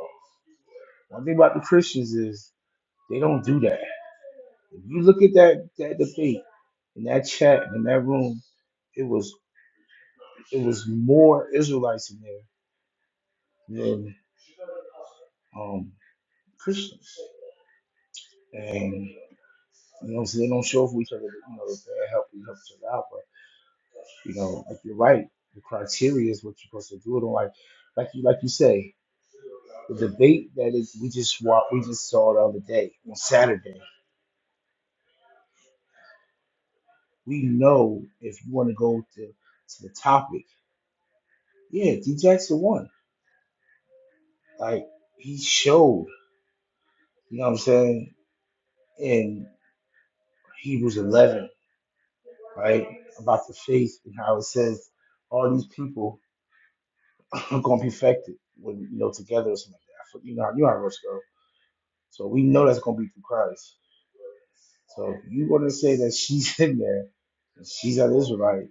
S3: One thing about the Christians is they don't do that. If you look at that that debate in that chat in that room, it was it was more Israelites in there than um, Christians. And you know, so they don't show up for each other. You know, they help each other out. but You know, like you're right. The criteria is what you're supposed to do it on. Like, like you, like you say, the debate that is we just wa we just saw the other day on Saturday. We know if you want to go to to the topic, yeah, D Jackson won. Like he showed, you know what I'm saying, in Hebrews 11, right, about the faith and how it says all these people *laughs* *clears throat* are gonna be affected when you know together or something like that. I fo- You know, how- you know how it works, girl, So we know that's gonna be through Christ So if you want to say that she's *laughs* in there, she's an Israelite,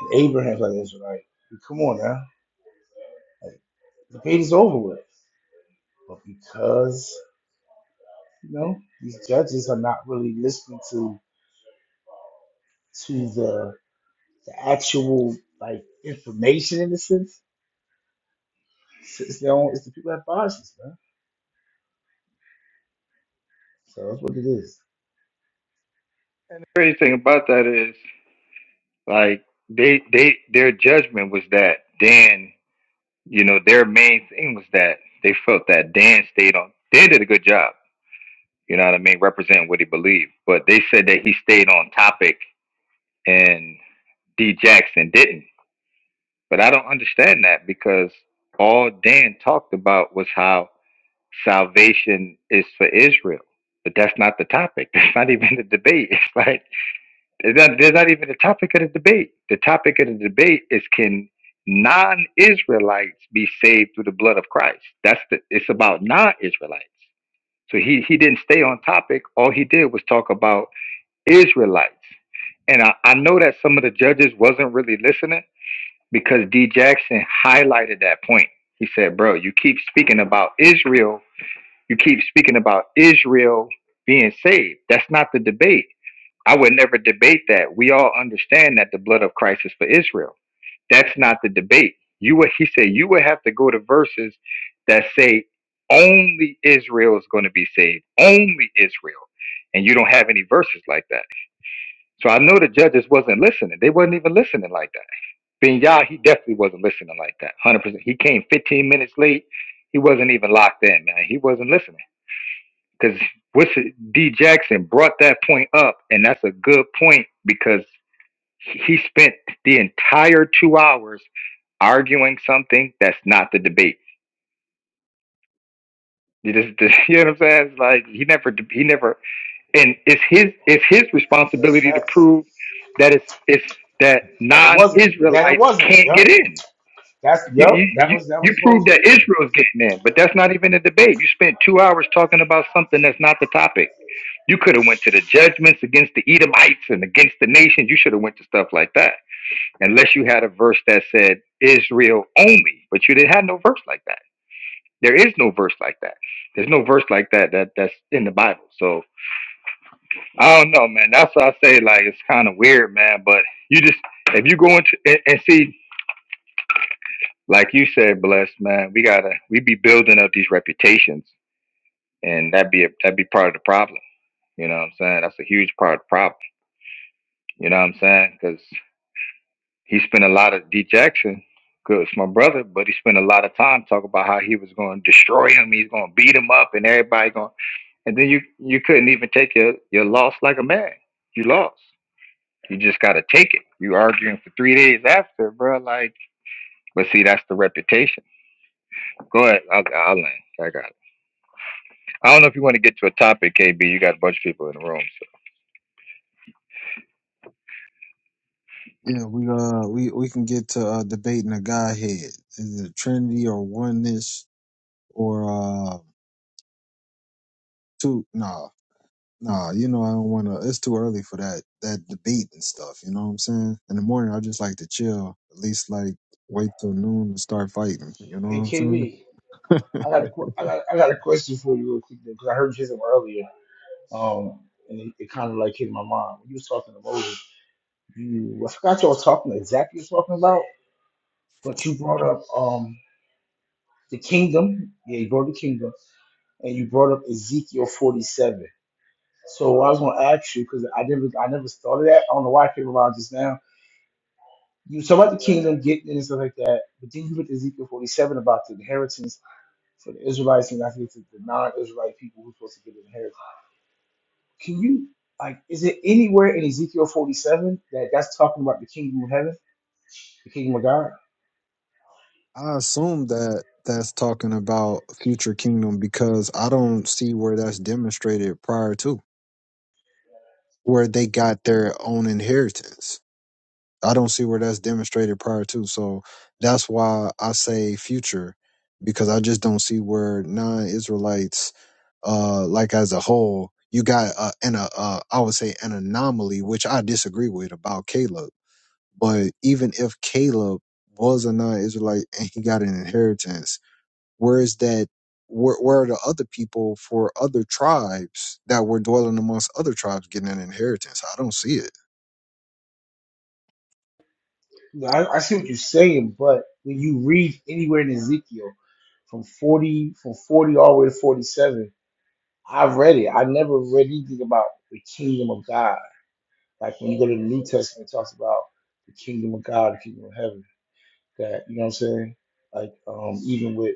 S3: and Abraham's an Israelite. Come on now, the debate is over with. But because you know these judges are not really listening to to the, the actual like information in a sense, it's, it's their own. It's the people that biases, man. So that's what it is.
S1: The Crazy thing about that is like they they their judgment was that then. you know, their main thing was that they felt that Dan stayed on. Dan did a good job, you know what I mean, representing what he believed. But they said that he stayed on topic and D Jackson didn't. But I don't understand that because all Dan talked about was how salvation is for Israel. But that's not the topic. *laughs* That's not even the debate. *laughs* It's like Is that there's not even a topic of the debate. The topic of the debate is can non-Israelites be saved through the blood of Christ? That's the it's about non-Israelites. So he he didn't stay on topic. All he did was talk about Israelites. And I, I know that some of the judges wasn't really listening because D Jackson highlighted that point. He said, Bro, you keep speaking about Israel, you keep speaking about Israel being saved. That's not the debate I would never debate that. We all understand that the blood of Christ is for Israel. That's not the debate. You would he said you would have to go to verses that say only Israel is going to be saved. Only Israel. And you don't have any verses like that. So I know the judges wasn't listening. They wasn't even listening like that. Ben Yah, he definitely wasn't listening like that. 100%. He came 15 minutes late. He wasn't even locked in, man. He wasn't listening. Because D Jackson brought that point up, and that's a good point because he spent the entire two hours arguing something that's not the debate. You just- *laughs* just- you know what I'm saying? It's like he never, he never, and it's his, it's his
S3: That's
S1: responsibility to
S3: facts.
S1: prove that it's, it's that
S3: And it wasn't. That it
S1: non-Israelites
S3: wasn't.
S1: can't
S3: Yup.
S1: get in.
S3: That's
S1: You,
S3: yup.
S1: you,
S3: That
S1: you,
S3: was that
S1: you
S3: was the
S1: prove
S3: whole
S1: that
S3: yeah.
S1: Israel's getting in, but that's not even a debate. You spent two hours talking about something that's not the topic. You could have went to the judgments against the Edomites and against the nations. You should have went to stuff like that unless you had a verse that said Israel only, but you didn't have no verse like that. There is no verse like that. There's no verse like that that that's in the Bible. So I don't know, man. That's why I say like it's kind of weird, man. But you just if you go into and, and see, like you said, blessed man, we gotta we be building up these reputations, and that be a, that be part of the problem. You know what I'm saying? That's a huge part of the problem. You know what I'm saying? Because He spent a lot of D Jackson, cause my brother, but he spent a lot of time talking about how he was going to destroy him, he's going to beat him up, and everybody going. And then you you couldn't even take your your loss like a man. You lost. You just got to take it. You arguing for three days after, bro. Like, but see, that's the reputation. Go ahead, I'll, I'll land. I got it. I don't know if you want to get to a topic, KB. You got a bunch of people in the room.
S2: yeah we uh we we can get to uh debating a godhead is it trinity or oneness or uh too nah nah you know i don't want to it's too early for that that debate and stuff you know what i'm saying in the morning i just like to chill at least like wait till noon to start fighting you know what i'm saying
S3: AKB. I got a, qu- I got, I got a question for you real quick because I heard you some earlier. Um, and it, it kind of like hit my mind when you was talking to Moses. You, I forgot y'all was talking exactly was talking about, but you brought up um the kingdom. Yeah, you brought the kingdom, and you brought up Ezekiel forty seven. So I was gonna ask you because I never, I never thought of that. I don't know why I came around just now. You was talking about the kingdom, getting it and stuff like that, but then you hit Ezekiel forty seven about the inheritance for the Israelites, and I think it's the non-Israelite people who's supposed to get an inheritance. Can you like is it anywhere in Ezekiel 47 that that's talking about the kingdom of heaven, the kingdom of God?
S2: i assume that that's talking about future kingdom because i don't see where that's demonstrated prior to where they got their own inheritance i don't see where that's demonstrated prior to so that's why i say future because i just don't see where non-israelites uh, like as a whole, you got uh, an uh, uh, I would say an anomaly, which I disagree with about Caleb. But even if Caleb was a non-Israelite and he got an inheritance, where is that? Where, where are the other people for other tribes that were dwelling amongst other tribes getting an inheritance? I don't see it.
S3: No, I, I see what you're saying, but when you read anywhere in Ezekiel from 40 from 40 all the way to 47, I've read it. I never read anything about the kingdom of God. Like when you go to the New Testament, it talks about the kingdom of God, the kingdom of heaven. That you know what I'm saying? Like um, even with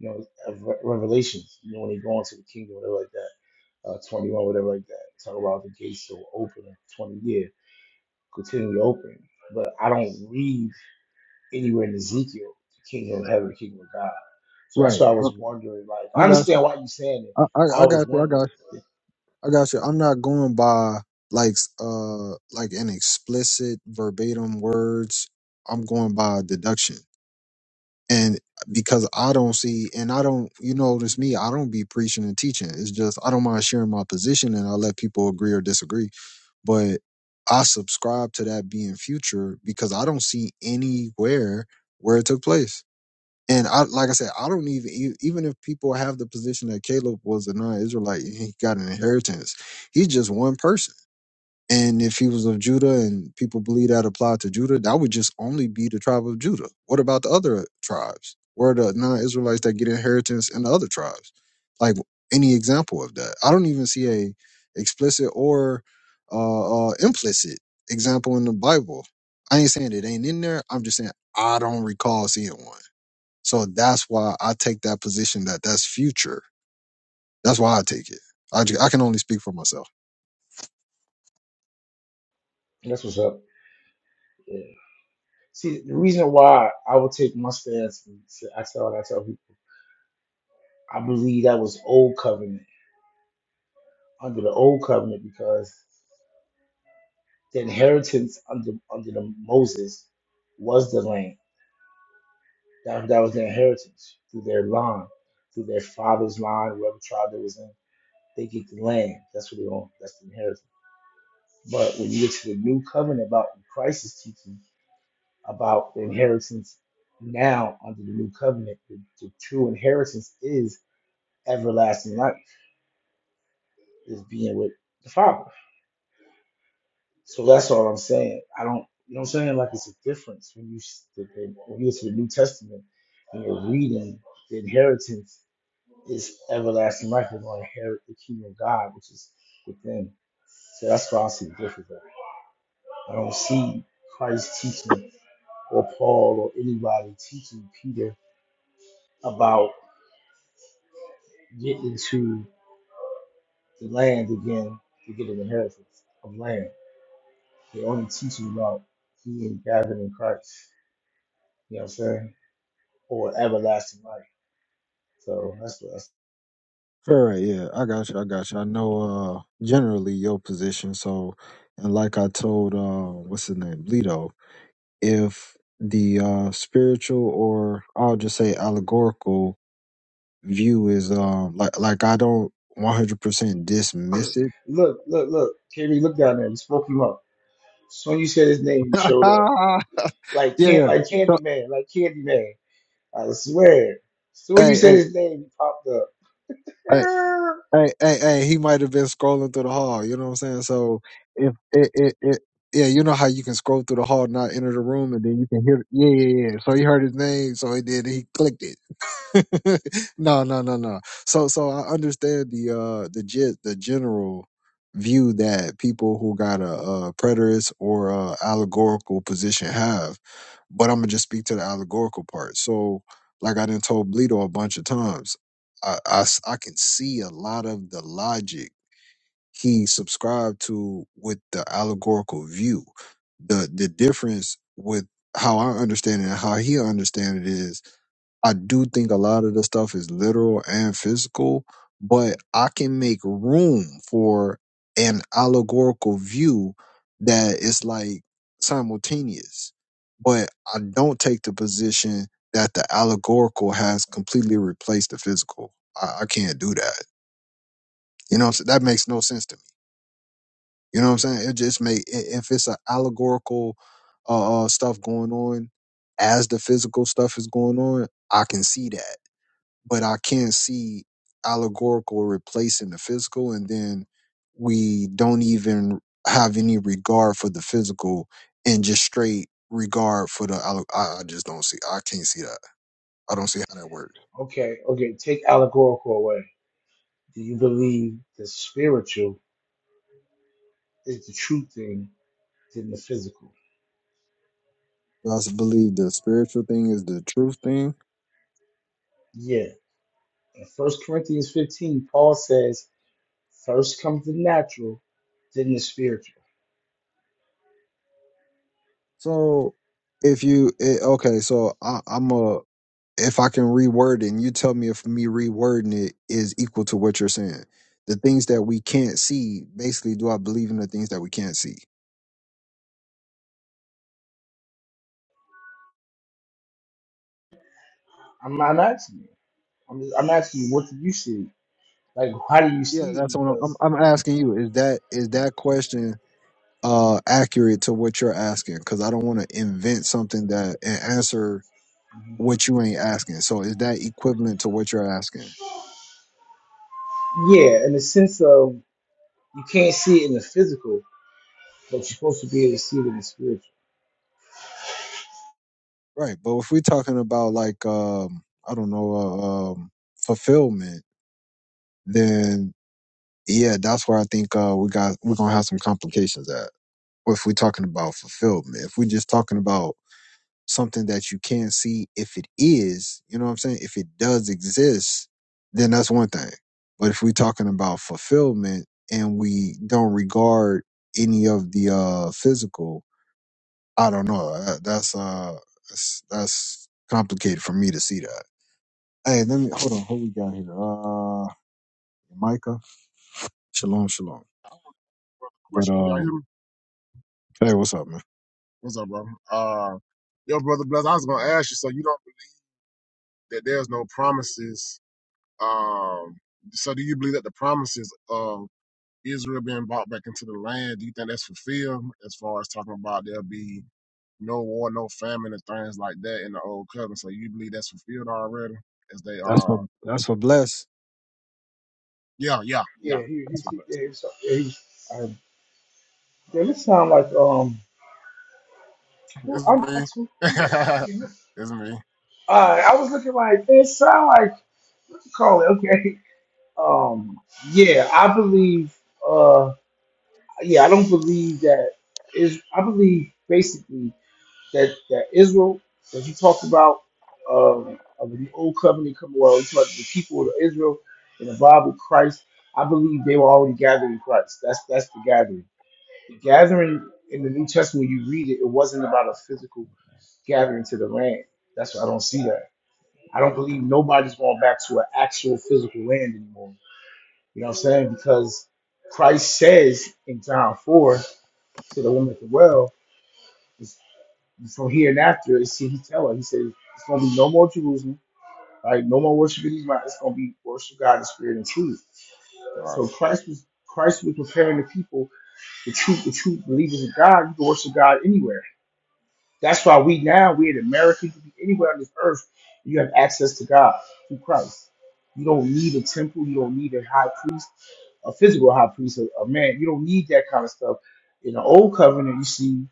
S3: you know Rev- Revelations, you know when they go into the kingdom, whatever like that. uh, 21, whatever like that. Talk about the gates that were open for 20 years, continually open. But I don't read anywhere in Ezekiel the kingdom of heaven, the kingdom of God. So that's
S2: Right.
S3: why I
S2: I,
S3: was wondering. Like,
S2: I
S3: I
S2: got you.
S3: understand why you're saying it.
S2: I, I,
S3: I
S2: I
S3: was
S2: got you. I got
S3: wondering.
S2: you. I got you. I'm not going by like uh like an explicit verbatim words I'm going by deduction. and because I don't see, and I don't, you notice me, I don't be preaching and teaching. It's just I don't mind sharing my position, and I let people agree or disagree. But I subscribe to that being future because I don't see anywhere where it took place. And I, like I said, I don't even e- even if people have the position that Caleb was a non-Israelite, he got an inheritance. He's just one person and if he was of Judah and people believe that applied to Judah, that would just only be the tribe of Judah. What about the other tribes? Where are the non Israelites that get inheritance in the other tribes? Like any example of that? I don't even see a explicit or uh, uh, implicit example in the Bible. I ain't saying it ain't in there. I'm just saying I don't recall seeing one. So that's why I take that position that that's future. That's why I take it. I, ju- I can only speak for myself.
S3: That's what's up. Yeah. See, the reason why I would take my stance, and say- I tell, I tell people, I believe that was old covenant under the old covenant because the inheritance under under the Moses was the land That, that was their inheritance through their line, through their father's line, whoever tribe they was in. They get the land. That's what they own. That's the inheritance. But when you get to the new covenant about Christ is teaching about the inheritance now under the new covenant, the, the true inheritance is everlasting life, is being with the Father. So that's all I'm saying. I don't, you know what I'm saying? Like it's a difference when you when you get to the New Testament and you're reading the inheritance is everlasting life, they're going to inherit the kingdom of God, which is within. So that's why I see the difference. there. I don't see Christ teaching or Paul or anybody teaching Peter about getting to the land again to get an inheritance of land. They only teaching about being gathered in Christ. You know what I'm saying? Or everlasting life. So that's what
S2: Sure, yeah, I got you. I got you. I know uh generally your position. So, and like I told uh what's his name, Lito, if the uh spiritual or I'll just say allegorical view is um like like I don't one hundred percent
S3: I
S2: dismiss it.
S3: *clears throat* look, look, look. KB, look down there. You spoke him up. As soon as you said his name, he
S2: *laughs*
S3: showed up.
S2: yeah,
S3: like can
S2: yeah.
S3: like
S2: So
S3: Candyman, like Candyman. I swear. So when you
S2: hey, hey,
S3: said his name, he popped up.
S2: hey.
S3: Ah.
S2: hey, hey, hey, he might have been scrolling through the hall. You know what I'm saying? So if it, it, it, yeah, you know how you can scroll through the hall, and not enter the room, and then you can hear. Yeah, yeah, yeah. yeah. So he heard his name, so he did. He clicked it. *laughs* no, no, no, no. So, so I understand the uh the ge- the general view that people who got a, uh preterist or a allegorical position have but I'm gonna just speak to the allegorical part. So, like I done told Bleedo a bunch of times, I, I s- I can see a lot of the logic he subscribed to with the allegorical view. The the difference with how I understand it and how he understand it is I do think a lot of the stuff is literal and physical, but I can make room for an allegorical view that is like simultaneous. But I don't take the position that the allegorical has completely replaced the physical. I, I can't do that. You know, what I'm saying? that makes no sense to me. You know what I'm saying? It just make i- if it's an allegorical uh, uh, stuff going on as the physical stuff is going on, I can see that but I can see allegorical replacing the physical, and then we don't even have any regard for the physical and just straight regard for the. alle- I, I just don't see. I can't see that. I don't see how that works.
S3: Okay, okay. Take allegorical away. Do you believe the spiritual is the true thing than the physical?
S2: I also believe the spiritual thing is the truth thing.
S3: Yeah. In First Corinthians 15, Paul says, first comes the natural, then the spiritual.
S2: So if you it, okay, so I, I'm a if I can reword it, and you tell me if me rewording it is equal to what you're saying. The things that we can't see, basically, do I believe in the things that we can't see?
S3: I'm not asking you. I'm, just, I'm asking you, what do you see? Like, how do you
S2: Yeah,
S3: see it?
S2: that's what I'm,
S3: Because,
S2: I'm. I'm asking you. Is that is that question uh accurate to what you're asking? Because I don't want to invent something that and answer what you ain't asking. So is that equivalent to what you're asking?
S3: yeah, in the sense of you can't see it in the physical, But supposed to be able to see that the spiritual.
S2: Right. But if we're talking about like um I don't know uh, um fulfillment, then yeah, that's where I think uh we got we're gonna have some complications at. If we're talking about fulfillment, if we're just talking about something that you can see if it is, you know what I'm saying? If it does exist, then that's one thing. But if we're talking about fulfillment and we don't regard any of the uh physical, I don't know. That, that's uh that's, that's complicated for me to see that. Hey, let me hold on. Who we got here? Uh Micah. Shalom, shalom.
S4: I want to brother
S2: But
S4: question. Can y'all hear
S2: um,
S4: me?
S2: hey, what's up, man?
S4: What's up, brother? Uh, yo, brother Bless. I was gonna ask you. So you don't believe that there's no promises. Um, so do you believe that the promises of Israel being brought back into the land? Do you think that's fulfilled as far as talking about there'll be no war, no famine, and things like that in the old covenant? So you believe that's fulfilled already? As they
S2: That's for
S4: are,
S2: that's for bless.
S4: yeah, yeah, yeah.
S3: Yeah, he,
S4: That's
S3: he's
S4: what
S3: he,
S4: bless.
S3: yeah, he was, yeah, he was, uh, yeah, this sound like um, who, I, I, who,
S4: *laughs*
S3: who,
S4: It's me. *laughs* it's me.
S3: uh, I was looking like it sound like what you call it? Okay, *laughs* um, yeah, I believe, uh, yeah, I don't believe that is. I believe basically. that that Israel that he talked about um, of the old covenant come well, he talked the people of Israel in the Bible, Christ. I believe they were already gathered in Christ. That's that's the gathering. The gathering in the New Testament, when you read it, it wasn't about a physical gathering to the land. That's why I don't see that. I don't believe nobody's going back to an actual physical land anymore. You know what I'm saying? Because Christ says in John 4 to the woman at the well, from here and after, is he tell us, he said it's going to be no more Jerusalem, right? No more worshiping these mountains. It's going to be worship God in spirit and truth.
S4: Right.
S3: So Christ was Christ was preparing the people, the true, the true believers of God. You can worship God anywhere. That's why we now we in America. You can be anywhere on this earth. You have access to God through Christ. You don't need a temple. You don't need a high priest, a physical high priest, a, a man. You don't need that kind of stuff. In the old covenant, you see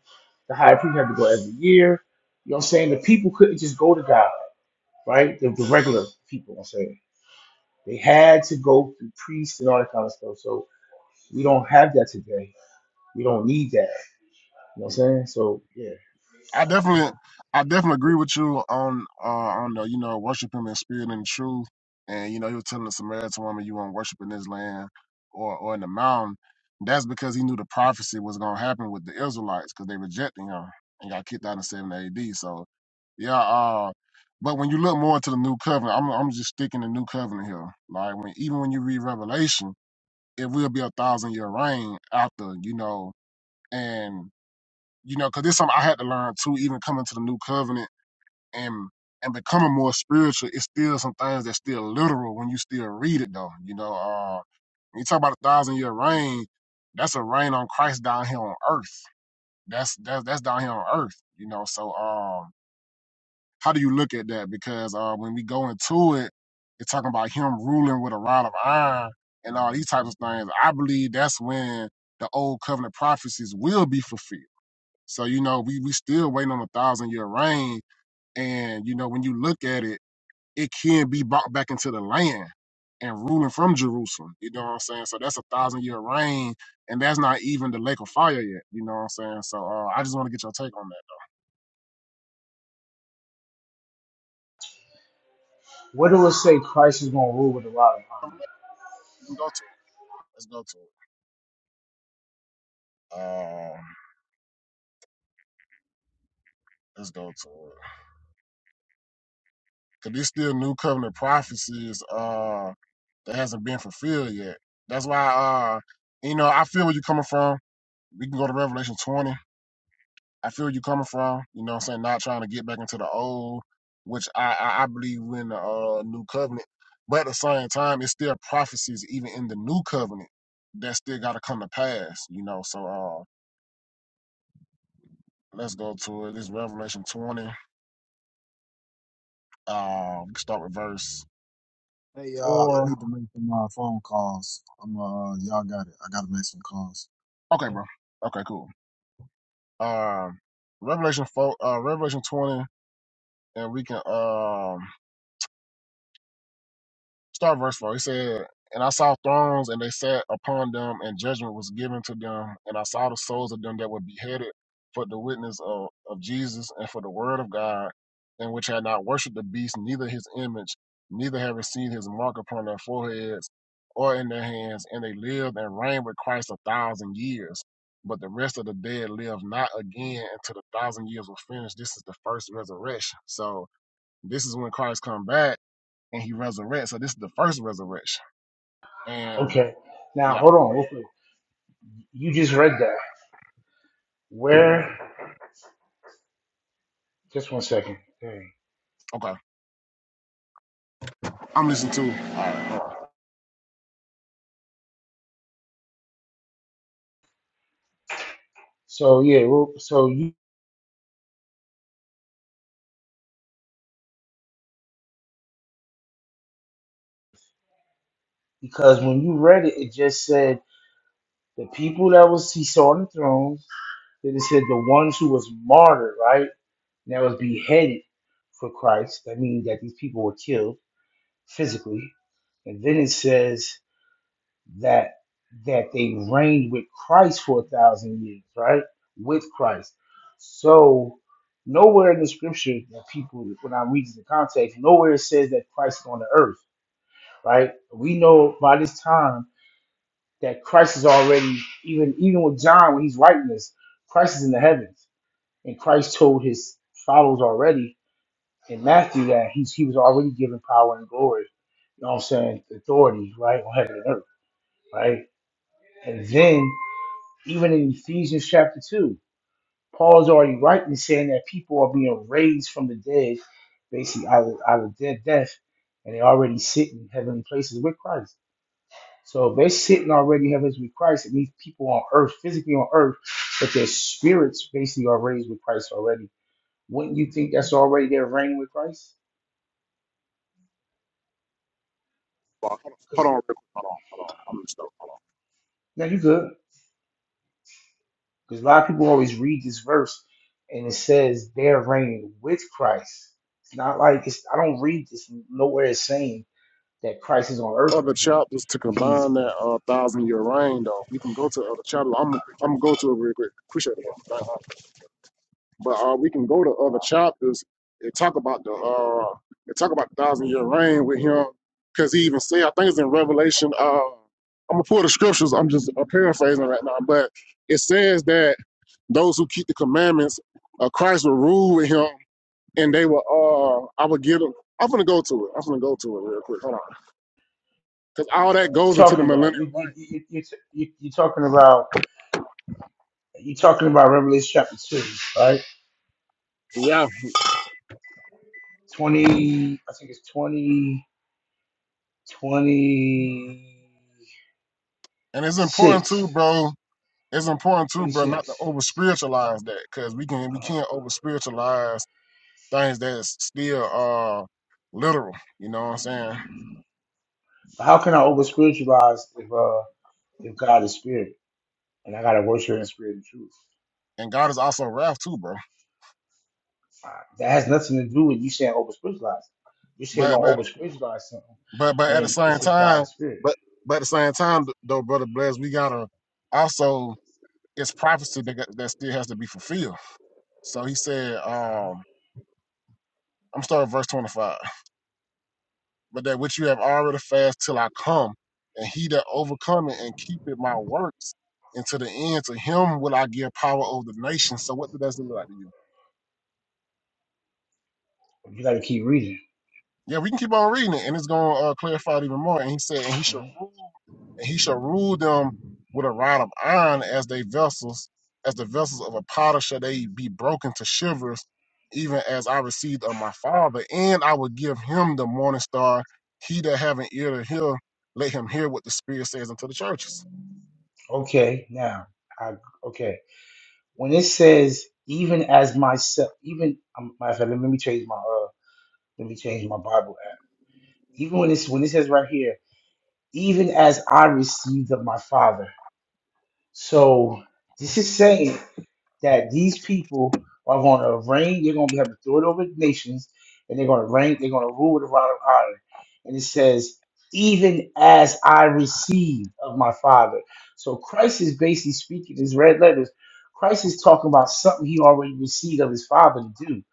S3: the high priest had to go every year. You know what I'm saying? The people couldn't just go to God, right? The, the regular people, I'm saying. They had to go through priests and all that kind of stuff. So we don't have that today. We don't need that. You know what I'm saying? So yeah.
S4: I definitely, I definitely agree with you on uh, on the you know worship him in spirit and in truth, and you know he was telling the Samaritan woman you won't worship in this land or or in the mountain. That's because he knew the prophecy was going to happen with the Israelites because they rejected him and got kicked out in seven A.D. So yeah, uh, but when you look more into the new covenant, I'm I'm just sticking the new covenant here. Like when even when you read Revelation, it will be a thousand year reign after you know and you know, because it's something I had to learn too, even coming to the new covenant and and becoming more spiritual. It's still some things that's still literal when you still read it, though. You know, uh, when you talk about a thousand year reign, that's a reign on Christ down here on earth. That's that's that's down here on earth. You know, so um, how do you look at that? Because uh, when we go into it, it's talking about him ruling with a rod of iron and all these types of things. I believe that's when the old covenant prophecies will be fulfilled so, you know, we we still waiting on a thousand year reign. And, you know, when you look at it, it can be bought back into the land and ruling from Jerusalem. You know what I'm saying? So that's a thousand year reign, and that's not even the lake of fire yet. You know what I'm saying? So uh, I just want to get your take on that.
S3: What do it say Christ is gonna rule with a rod of iron?
S4: We can go to it. Let's go to it. Um, let's go to it. Cause there's still new covenant prophecies uh that hasn't been fulfilled yet. That's why uh you know I feel where you're coming from. We can go to Revelation 20 I feel you coming from, you know what I'm saying, not trying to get back into the old, which I, I, I believe we're in the uh, new covenant. But at the same time, it's still prophecies even in the new covenant that still gotta come to pass, you know. So uh let's go to it. This is Revelation twenty. Uh we can start with verse
S2: Hey y'all, I
S4: four.
S2: need to make some uh, phone calls. I'm uh, y'all got it. I gotta make some calls.
S4: Okay, bro. Okay, cool. Um Revelation four uh Revelation twenty and we can um Start verse 4. He said, And I saw thrones, and they sat upon them, and judgment was given to them. And I saw the souls of them that were beheaded for the witness of, of Jesus and for the word of God, and which had not worshipped the beast, neither his image, neither had received his mark upon their foreheads or in their hands. And they lived and reigned with Christ a thousand years. But the rest of the dead lived not again until the thousand years were finished. This is the first resurrection. So this is when Christ come back and he resurrects. So this is the first resurrection. And
S3: Okay. Now
S4: yeah,
S3: hold on, real quick. You just read that. Where? Just one second. Dang.
S4: okay. I'm listening to
S3: So yeah, well, so you because when you read it, it just said the people that was he saw on the throne. Then it said the ones who was martyred, right? That was beheaded for Christ. That means that these people were killed physically. And then it says that that they reigned with Christ for a thousand years, right? With Christ. So nowhere in the scripture that people when I read the context, nowhere it says that Christ is on the earth, right? We know by this time that Christ is already even even with John when he's writing this, Christ is in the heavens. And Christ told his followers already in Matthew that he's he was already given power and glory, you know what I'm saying, authority, right, on heaven and earth, right? And then Even in Ephesians chapter 2, Paul's already rightly saying that people are being raised from the dead, basically out of, out of dead death, and they already sit in heavenly places with Christ. So if they're sitting already in heavens with Christ, It means people on earth, physically on earth, but their spirits basically are raised with Christ already. Wouldn't you think that's already their reign with Christ?
S4: hold on, hold
S3: Because
S4: on, real quick. hold on, hold on. I'm listening. Hold
S3: now you good. Because a lot of people always read this verse and it says they're reigning with Christ. It's not like it's, I don't read this nowhere it's saying that Christ is on earth
S4: on. Other
S3: right here.
S4: chapters to
S3: He's
S4: combine
S3: you're
S4: that uh, thousand year reign though. We can go to other chapters. I'm I'm gonna go to it real quick. Appreciate it. Bro. But uh, we can go to other chapters and talk about the uh, and talk about the thousand year reign with him, because he even said, I think it's in Revelation. Uh, I'm gonna pull the scriptures. I'm just uh, paraphrasing right now, but it says that those who keep the commandments, uh, Christ will rule with him, and they will. Uh, I will give them. I'm gonna go to it. I'm gonna go to it real quick. Hold on, because all that goes into the
S3: talking about
S4: millennial
S3: you you
S4: reign.
S3: you you you you're talking about you're talking about Revelation chapter two, right?
S4: Yeah,
S3: Twenty, I think it's twenty twenty
S4: and it's important too,
S3: six,
S4: bro it's important too,
S3: twenty
S4: bro, not to
S3: six.
S4: over spiritualize that because we can we can't
S3: Uh,
S4: over spiritualize things that's still uh literal. You know what I'm saying?
S3: how can I over spiritualize if uh if God is spirit and I gotta worship in spirit and truth?
S4: And God is also wrath too, bro.
S3: That has nothing to do with you saying over spiritualize. You saying
S4: But
S3: don't
S4: but
S3: over spiritualize something
S4: but but at the
S3: when it
S4: same
S3: says God
S4: time,
S3: is spirit.
S4: but but at the same time though, brother bless, we gotta also it's prophecy that that still has to be fulfilled. So he said,
S3: Mhm.
S4: um, I'm starting at verse 25. but that which you have already fasted till I come. And he that overcometh and keepeth my works unto the end, to him will I give power over the nations. So what does that look like to you?
S3: You got to keep reading.
S4: Yeah, we can keep on reading it, and it's going to uh, clarify it even more. And he said, and he shall
S3: Mhm.
S4: rule, and he shall rule them with a rod of iron as they vessels, as the vessels of a potter shall they be broken to shivers, even as I received of my father. And I will give him the morning star. He that have an ear to hear, let him hear what the Spirit says unto the churches.
S3: Okay, now I okay when it says even as myself, even um, matter of fact, let me change my uh let me change my Bible app. Even when it's when it says right here, even as I received of my Father. So this is saying that these people are going to reign. They're going to have to throw over the nations, and they're going to reign. They're going to rule with a rod of iron. And it says, "Even as I received of my Father." So Christ is basically speaking his red letters. Christ is talking about something he already received of his Father to do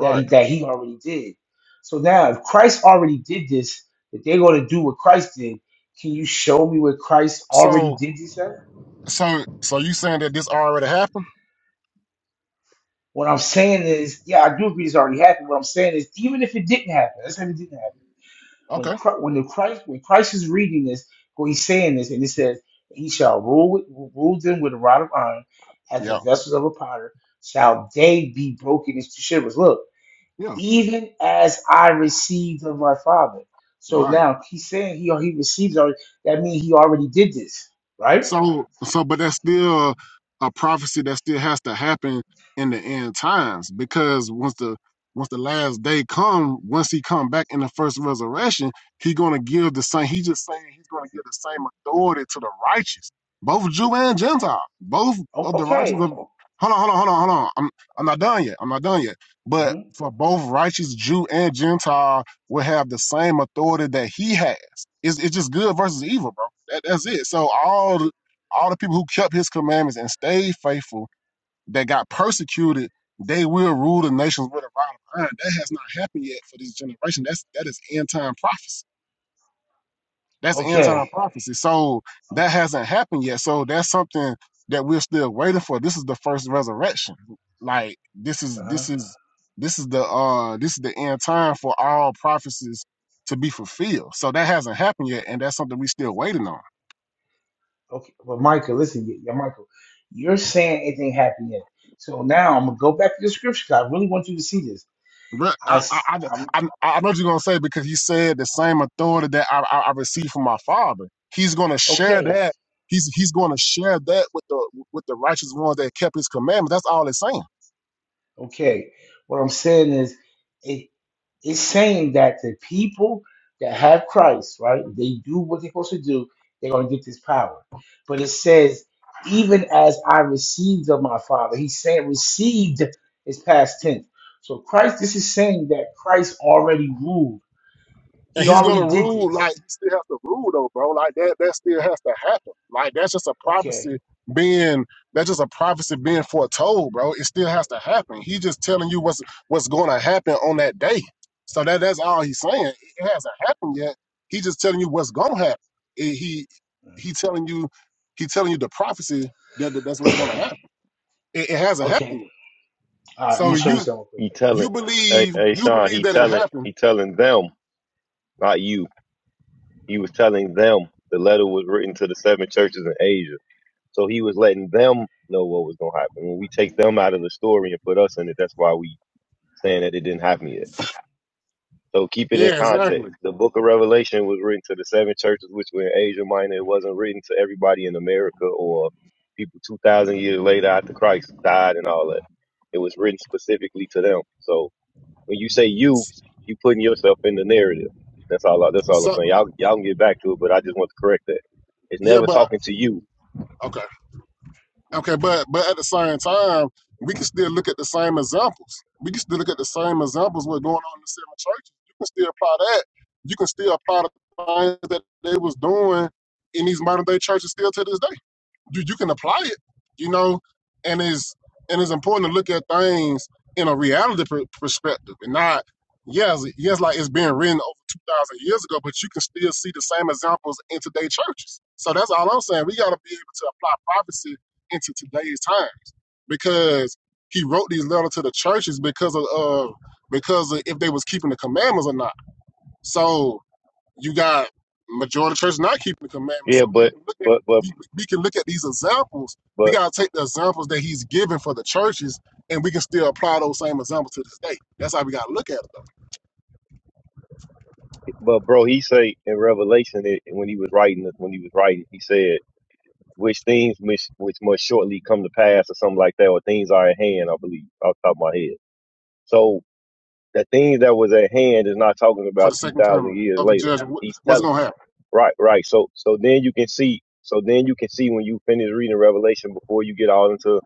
S3: that he, that he already did. So now, if Christ already did this, if they're going to do what Christ did, can you show me where Christ already
S4: So,
S3: did this? at?
S4: so, so you saying that this already happened?
S3: What I'm saying is, yeah, I do agree it's already happened. What I'm saying is, even if it didn't happen, let's say it didn't happen. When
S4: Okay.
S3: Christ, when the Christ, when Christ is reading this, when he's saying this, and it says, "He shall rule with, rule them with a rod of iron, as the
S4: Yeah.
S3: vessels of a potter shall they be broken into shivers." Look,
S4: Yeah.
S3: even as I received of my Father. So
S4: Right.
S3: now he's saying he he receives already. That means he already did this, right?
S4: So, so, but that's still a prophecy that still has to happen in the end times because once the once the last day come, once he come back in the first resurrection, he gonna give the same. He just saying he's gonna give the same authority to the righteous, both Jew and Gentile, both
S3: O-
S4: of the righteous.
S3: Okay,
S4: Of, hold on, hold on, hold on, hold on. I'm I'm not done yet. I'm not done yet. But
S3: mhm.
S4: for both righteous Jew and Gentile will have the same authority that he has. It's it's just good versus evil, bro. That, that's it. So all all the people who kept his commandments and stayed faithful that got persecuted, they will rule the nations with a rod of iron. That has not happened yet for this generation. That's that is end time prophecy. That's end time
S3: okay,
S4: prophecy. So that
S3: okay.
S4: hasn't happened yet. So that's something that we're still waiting for. This is the first resurrection. Like this is
S3: Uh-huh.
S4: this is this is the uh this is the end time for all prophecies to be fulfilled. So that hasn't happened yet, and that's something we are still waiting on.
S3: Okay, but Michael, listen, y- yeah, Michael, you're saying anything happy yet. So now I'm gonna go back to the scripture 'cause I really want you to see this.
S4: Re- I,
S3: I,
S4: I, I,
S3: am
S4: I I know what you're gonna say because he said the same authority that I, I, I received from my father. He's gonna share
S3: okay,
S4: that. He's he's gonna share that with the with the righteous ones that kept his commandments. That's all it's saying.
S3: okay. What I'm saying is, it it's saying that the people that have Christ, right? They do what they're supposed to do. They're gonna get this power. But it says, even as I received of my Father, He's saying received is past tense. So Christ, this is saying that Christ already ruled.
S4: And
S3: He
S4: he's gonna
S3: already did
S4: rule
S3: this.
S4: like he still has to rule though, bro. Like that that still has to happen. Like that's just a
S3: Okay.
S4: prophecy being that's just a prophecy being foretold, bro. It still has to happen. He's just telling you what's what's gonna happen on that day. So that that's all he's saying. It hasn't happened yet. He's just telling you what's gonna happen. It- he he telling you he telling you the prophecy that, that that's what's gonna happen. It, it hasn't
S3: Okay.
S4: happened yet.
S3: All right. I'm
S4: So
S3: gonna show you
S4: you
S3: something real quick.
S5: He telling,
S4: you
S5: hey,
S4: believe
S5: hey,
S4: you
S5: Sean,
S4: believe
S5: he
S4: that it
S5: telling,
S4: happened.
S5: he telling them, not you. He was telling them the letter was written to the seven churches in Asia. So he was letting them know what was going to happen. When we take them out of the story and put us in it, that's why we saying that it didn't happen yet. So keep it in
S4: Yeah,
S3: Mhm.
S5: context.
S4: exactly.
S5: The book of Revelation was written to the seven churches, which were in Asia Minor. It wasn't written to everybody in America or people 2,000 years later after Christ died and all that. It was written specifically to them. So When you say you, you putting yourself in the narrative. That's all. I, that's all I'm saying.
S4: So
S5: Y'all, y'all can get back to it, but I just want to correct that. It's
S4: yeah,
S5: never
S4: but
S5: talking to you.
S4: Okay. Okay, but but at the same time, we can still look at the same examples. We can still look at the same examples what's going on in the seven churches. You can still apply that. You can still apply the things that they was doing in these modern day churches still to this day you, you can apply it, you know, and it's and it's important to look at things in a reality per- perspective and not yes yes like it's been written over two thousand years ago, but you can still see the same examples in today's churches. So that's all I'm saying. We got to be able to apply prophecy into today's times because he wrote these letters to the churches because of uh, because of if they was keeping the commandments or not. So you got majority of church not keeping the commandments.
S5: Yeah,
S4: So we
S5: but,
S4: can look at
S5: but, but,
S4: we, we can look at these examples. We
S5: but,
S4: gotta take the examples that he's given for the churches, and we can still apply those same examples to this day. That's how we gotta look at it though,
S5: but, bro, he say in Revelation that when he was writing, when he was writing, he said, "Which things which which must shortly come to pass, or something like that, or things are at hand." I believe off the top of my head. So the things that was at hand is not talking
S4: for
S5: about
S4: the
S5: two
S4: second
S5: thousand
S4: coming
S5: years
S4: of the
S5: later.
S4: judge and what,
S5: He's
S4: what's
S5: telling.
S4: gonna happen.
S5: Right, right. So so then you can see so then you can see when you finish reading Revelation before you get all into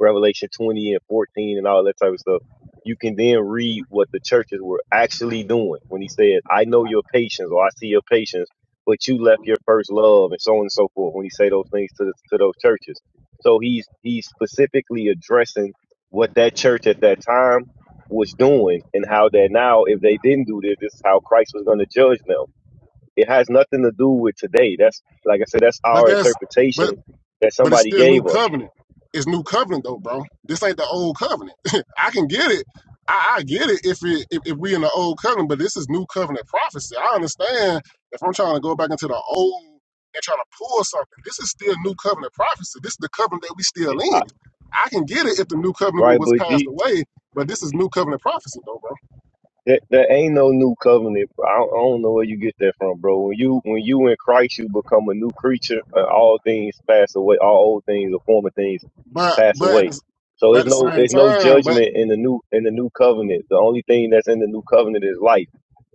S5: Revelation twenty and fourteen and all that type of stuff, you can then read what the churches were actually doing when he said, I know your patience or I see your patience, but you left your first love and so on and so forth when he say those things to the, to those churches. So he's he's specifically addressing what that church at that time was doing and how that now if they didn't do this, this is how Christ was gonna judge them. It has nothing to do with today. That's like I said, that's
S4: But
S5: our
S4: that's but
S5: interpretation that
S4: but it's
S5: somebody
S4: still new
S5: gave us,
S4: covenant. It's new covenant though, bro. This ain't the old covenant. *laughs* I can get it. I, I get it if, it if if we in the old covenant, but this is new covenant prophecy. I understand if I'm trying to go back into the old and trying to pull something. This is still new covenant prophecy. This is the covenant that we still
S5: It-
S4: in.
S5: I,
S4: I can get it if the new covenant
S5: right?
S4: was
S5: But
S4: passed
S5: G,
S4: away, but this is new covenant prophecy though, bro.
S5: there, there ain't no new covenant. bro. I don't, I don't know where you get that from, bro. When you when you in Christ, you become a new creature, and all things pass away. All old things, the former things,
S4: But
S5: pass
S4: but at
S5: away.
S4: the,
S5: So
S4: but at
S5: it's
S4: the
S5: no
S4: same
S5: it's no
S4: time, but
S5: judgment in the new in the new covenant. The only thing that's in the new covenant is life.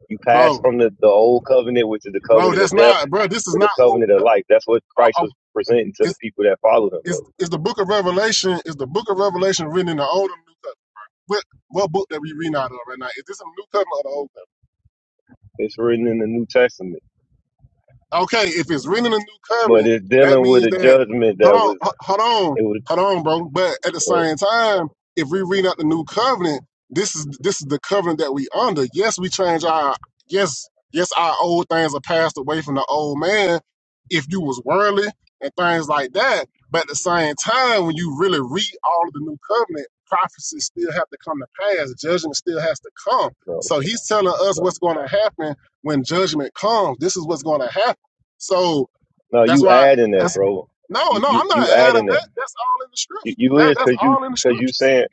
S5: You pass
S4: bro,
S5: from the, the old covenant, which is the
S4: bro,
S5: covenant of
S4: that's
S5: death
S4: not, bro. This is
S5: for the
S4: not old.
S5: covenant of life. That's what
S4: Uh,
S5: Christ
S4: uh,
S5: was presenting to the
S4: it's,
S5: people that followed him, bro.
S4: is is the book of Revelation is the book of Revelation written in the old or new covenant? What what book that we reading out of right now? Is this in the new covenant or the old?
S5: It's written in the New Testament,
S4: Okay, if it's written in the new
S5: but
S4: covenant,
S5: it's
S4: that
S5: dealing with
S4: means
S5: a
S4: that
S5: judgment
S4: hold
S5: that
S4: on,
S5: was
S4: h- hold on,
S5: it was
S4: hold on, bro. But at the
S5: uh,
S4: same time, if we read out the new covenant, this is this is the covenant that we under. Yes, we change our yes, yes, our old things are passed away from the old man. If you was worldly and things like that, but at the same time, when you really read all of the new covenant, prophecies still have to come to pass. Judgment still has to come.
S5: no
S4: So he's telling us
S5: no
S4: what's going to happen when judgment comes, this is what's going to happen. So
S5: no.
S4: that's
S5: You
S4: why
S5: adding that,
S4: that's
S5: bro.
S4: no,
S5: You
S4: no, I'm
S5: you
S4: not
S5: you
S4: adding
S5: adding that.
S4: that. That's all in the
S5: You,
S4: scripture.
S5: you
S4: That
S5: is
S4: that's
S5: because you
S4: all in the
S5: because you
S4: scriptures.
S5: saying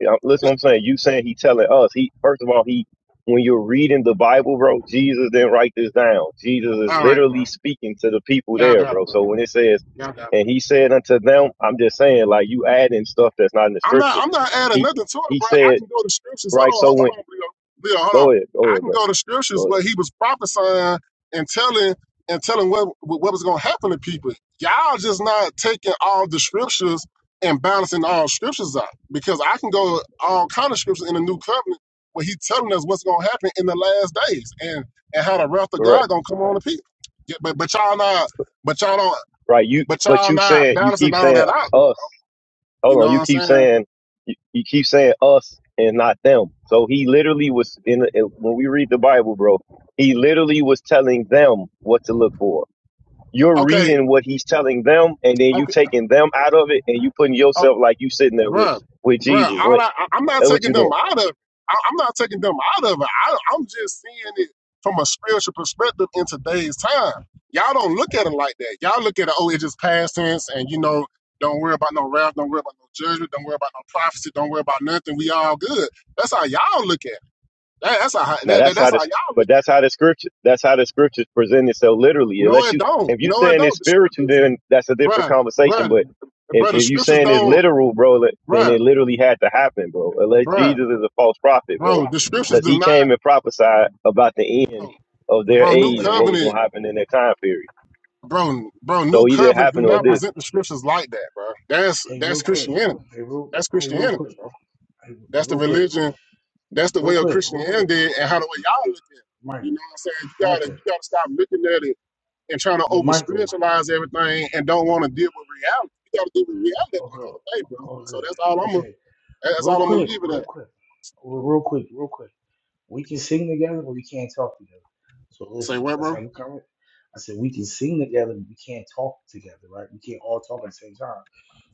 S5: Yeah, listen, what
S4: That-
S5: I'm saying you saying he telling us he first of all he when you're reading the Bible, bro, Jesus didn't write this down. Jesus is
S4: all right.
S5: literally speaking to the people there, bro. So when it says, and he said unto them, I'm just saying like you adding stuff that's not in the
S4: I'm not.
S5: scriptures.
S4: I'm not adding
S5: He
S4: nothing to it,
S5: he
S4: bro. I
S5: said
S4: can go to scriptures. Hold
S5: right.
S4: on.
S5: So
S4: Hold,
S5: when
S4: hold on, Leo. Leo, hold on.
S5: go ahead, go
S4: I
S5: ahead,
S4: can
S5: bro,
S4: go to scriptures
S5: go ahead.
S4: where he was prophesying and telling and telling what what was going to happen to people. Y'all just not taking all the scriptures and balancing all scriptures out because I can go all kind of scriptures in the new covenant where he's telling us what's going to happen in the last days and and how the wrath of God
S5: Correct,
S4: going to come on the people. Yeah, but but y'all not. But y'all don't.
S5: right? You
S4: But
S5: but
S4: y'all
S5: you
S4: not
S5: saying you
S4: balancing
S5: keep
S4: all
S5: saying
S4: that out. though.
S5: us.
S4: You
S5: hold
S4: know
S5: on, you
S4: what I'm
S5: keep
S4: saying?
S5: saying you, you keep saying us and not them. So he literally was in, in when we read the Bible, bro. He literally was telling them what to look for. You're
S4: Okay.
S5: reading what he's telling them, and then you taking them out of it, and you putting
S4: Oh,
S5: yourself like you sitting there with
S4: bruh,
S5: with
S4: bruh.
S5: Jesus.
S4: All
S5: What
S4: I, I- I'm not
S5: that's what
S4: taking
S5: you
S4: them
S5: doing?
S4: out of. I, I'm not taking them out of it. I, I'm just seeing it from a spiritual perspective in today's time. Y'all don't look at it like that. Y'all look at it. Oh, it's just past tense, and you know, don't worry about no wrath, don't worry about no judgment, don't worry about no prophecy, don't worry about nothing. We all good. That's how y'all look at it. That, that's how
S5: Now
S4: that, that-
S5: that's how
S4: that's how
S5: this,
S4: y'all look. At
S5: but
S4: it.
S5: that's how the scripture, that's how the scriptures present itself literally.
S4: No,
S5: Unless
S4: it
S5: you,
S4: don't.
S5: if you
S4: No, it
S5: saying it's
S4: don't. The
S5: spiritual,
S4: scriptures,
S5: then that's a different
S4: bruh,
S5: conversation.
S4: bruh,
S5: But if,
S4: bruh. The
S5: if you
S4: scriptures
S5: saying it's
S4: don't,
S5: literal, bro, then
S4: bruh,
S5: it literally had to happen, bro. Unless
S4: bruh,
S5: Jesus is a false prophet, bro,
S4: bro. The scriptures
S5: because
S4: do
S5: he came and
S4: not.
S5: prophesied about the end of their
S4: bro, New
S5: age and
S3: Hey,
S5: what was
S4: Covenant,
S5: going to happen in their time period.
S4: bro, bro, New
S5: So either it
S4: Covenant do
S5: happened
S3: hey,
S5: or it
S4: not
S3: real,
S5: didn't.
S4: present the scriptures like that, bro. That's
S3: hey, real
S4: that's
S3: quick.
S4: Christianity.
S3: Hey, real,
S4: That's
S3: hey, real
S4: Christianity,
S3: quick.
S4: bro.
S3: Hey, hey,
S4: That's the
S3: real quick.
S4: religion. That's the
S3: Real
S4: way of
S3: quick. Real quick.
S4: Christianity and how the way y'all look at it.
S3: Mike,
S4: You know what I'm saying? You gotta
S3: Micah.
S4: you gotta stop looking at it and trying to
S3: Yeah,
S4: over
S3: Michael.
S4: spiritualize everything and don't want to deal with reality. You gotta deal with reality at the end of
S3: Okay.
S4: the day, bro. So
S3: Okay.
S4: that's all I'm gonna
S3: Okay.
S4: that's
S3: Real
S4: all I'm gonna
S3: quick.
S4: leave it
S3: Real
S4: at.
S3: quick. Real, real quick. Real quick. We can sing together, but we can't talk together. So
S4: Say
S3: listen,
S4: what,
S3: let's
S4: bro?
S3: have a comment. I said we can sing together, but we can't talk together, right? We can't all talk at the same time.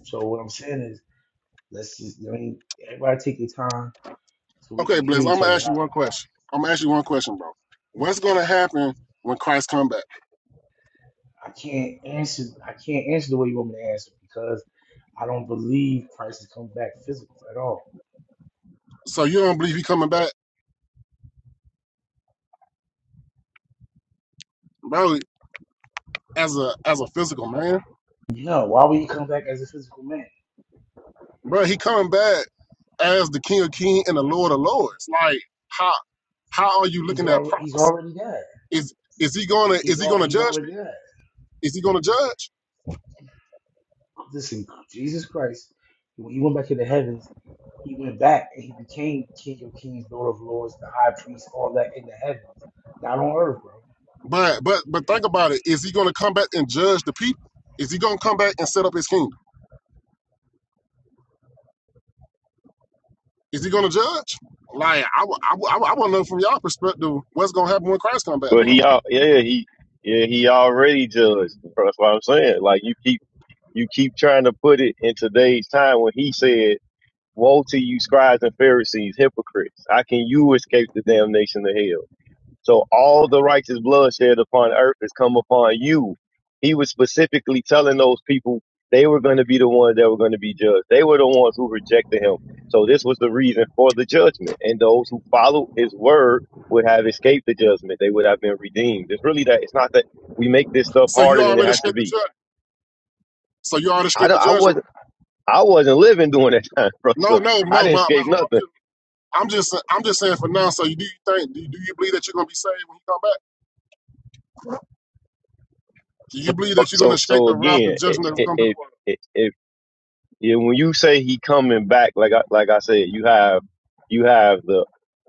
S3: So what I'm saying is, let's just I mean, everybody take your time so we
S4: Okay,
S3: can hear
S4: Bliss, I'm
S3: each
S4: gonna
S3: other
S4: ask you
S3: out.
S4: one question. I'm gonna ask you one question, bro. What's gonna happen when Christ comes back?
S3: I can't answer. I can't answer the way you want me to answer because I don't believe Christ has come back physical at all.
S4: So you don't believe he coming back, bro? As a as a physical man,
S3: No, why would he come back as a physical man?
S4: bro, he coming back as the King of kings and the Lord of Lords. Like how how are you
S3: He's
S4: looking at
S3: already he's
S4: prophecy?
S3: already dead.
S4: Is is he gonna
S3: He's
S4: is he
S3: all
S4: gonna
S3: he's
S4: judge
S3: already
S4: people?
S3: dead.
S4: Is he gonna judge?
S3: Listen, Jesus Christ, when he went back to the heavens, he went back and he became King of Kings, Lord of Lords, the High Priest, all that in the heavens, not on earth, bro.
S4: But but but
S3: He,
S4: think about it. Is he gonna come back and judge the people? Is he gonna come back and set up his kingdom? Is he gonna judge? Like I wa- I, I, want to know from y'all perspective what's gonna happen when Christ come back
S5: But
S4: then.
S5: he, al- yeah, he, yeah, he already judged. Bro. That's what I'm saying. Like you keep, you keep trying to put it in today's time when he said. Woe to you, scribes and Pharisees, hypocrites! How can you escape the damnation of hell? So all the righteous blood shed upon earth has come upon you. He was specifically telling those people they were going to be the ones that were going to be judged. They were the ones who rejected him. So this was the reason for the judgment. And those who followed his word would have escaped the judgment. They would have been redeemed. It's really that. It's not that we make this stuff
S4: So you
S5: harder than it
S4: already
S5: has to
S4: escaped the
S5: be.
S4: judgment. So you already
S5: I
S4: escaped the
S5: don't, I
S4: judgment.
S5: wasn't I wasn't living during that time, *laughs* bro.
S4: No
S5: So
S4: no
S5: I
S4: no.
S5: didn't
S4: But, but
S5: escape nothing.
S4: I'm, just, I'm just I'm just saying for now. So you do you think do you, do you believe that you're gonna be saved when you come back? Do
S5: So,
S4: you believe that you're gonna
S5: so,
S4: escape
S5: so
S4: the wrath
S5: again,
S4: and
S5: it,
S4: judgment that will
S5: it,
S4: come to the
S5: it,
S4: world?
S5: it, it, yeah, when you say he coming back, like I, like I said, you have, you have the,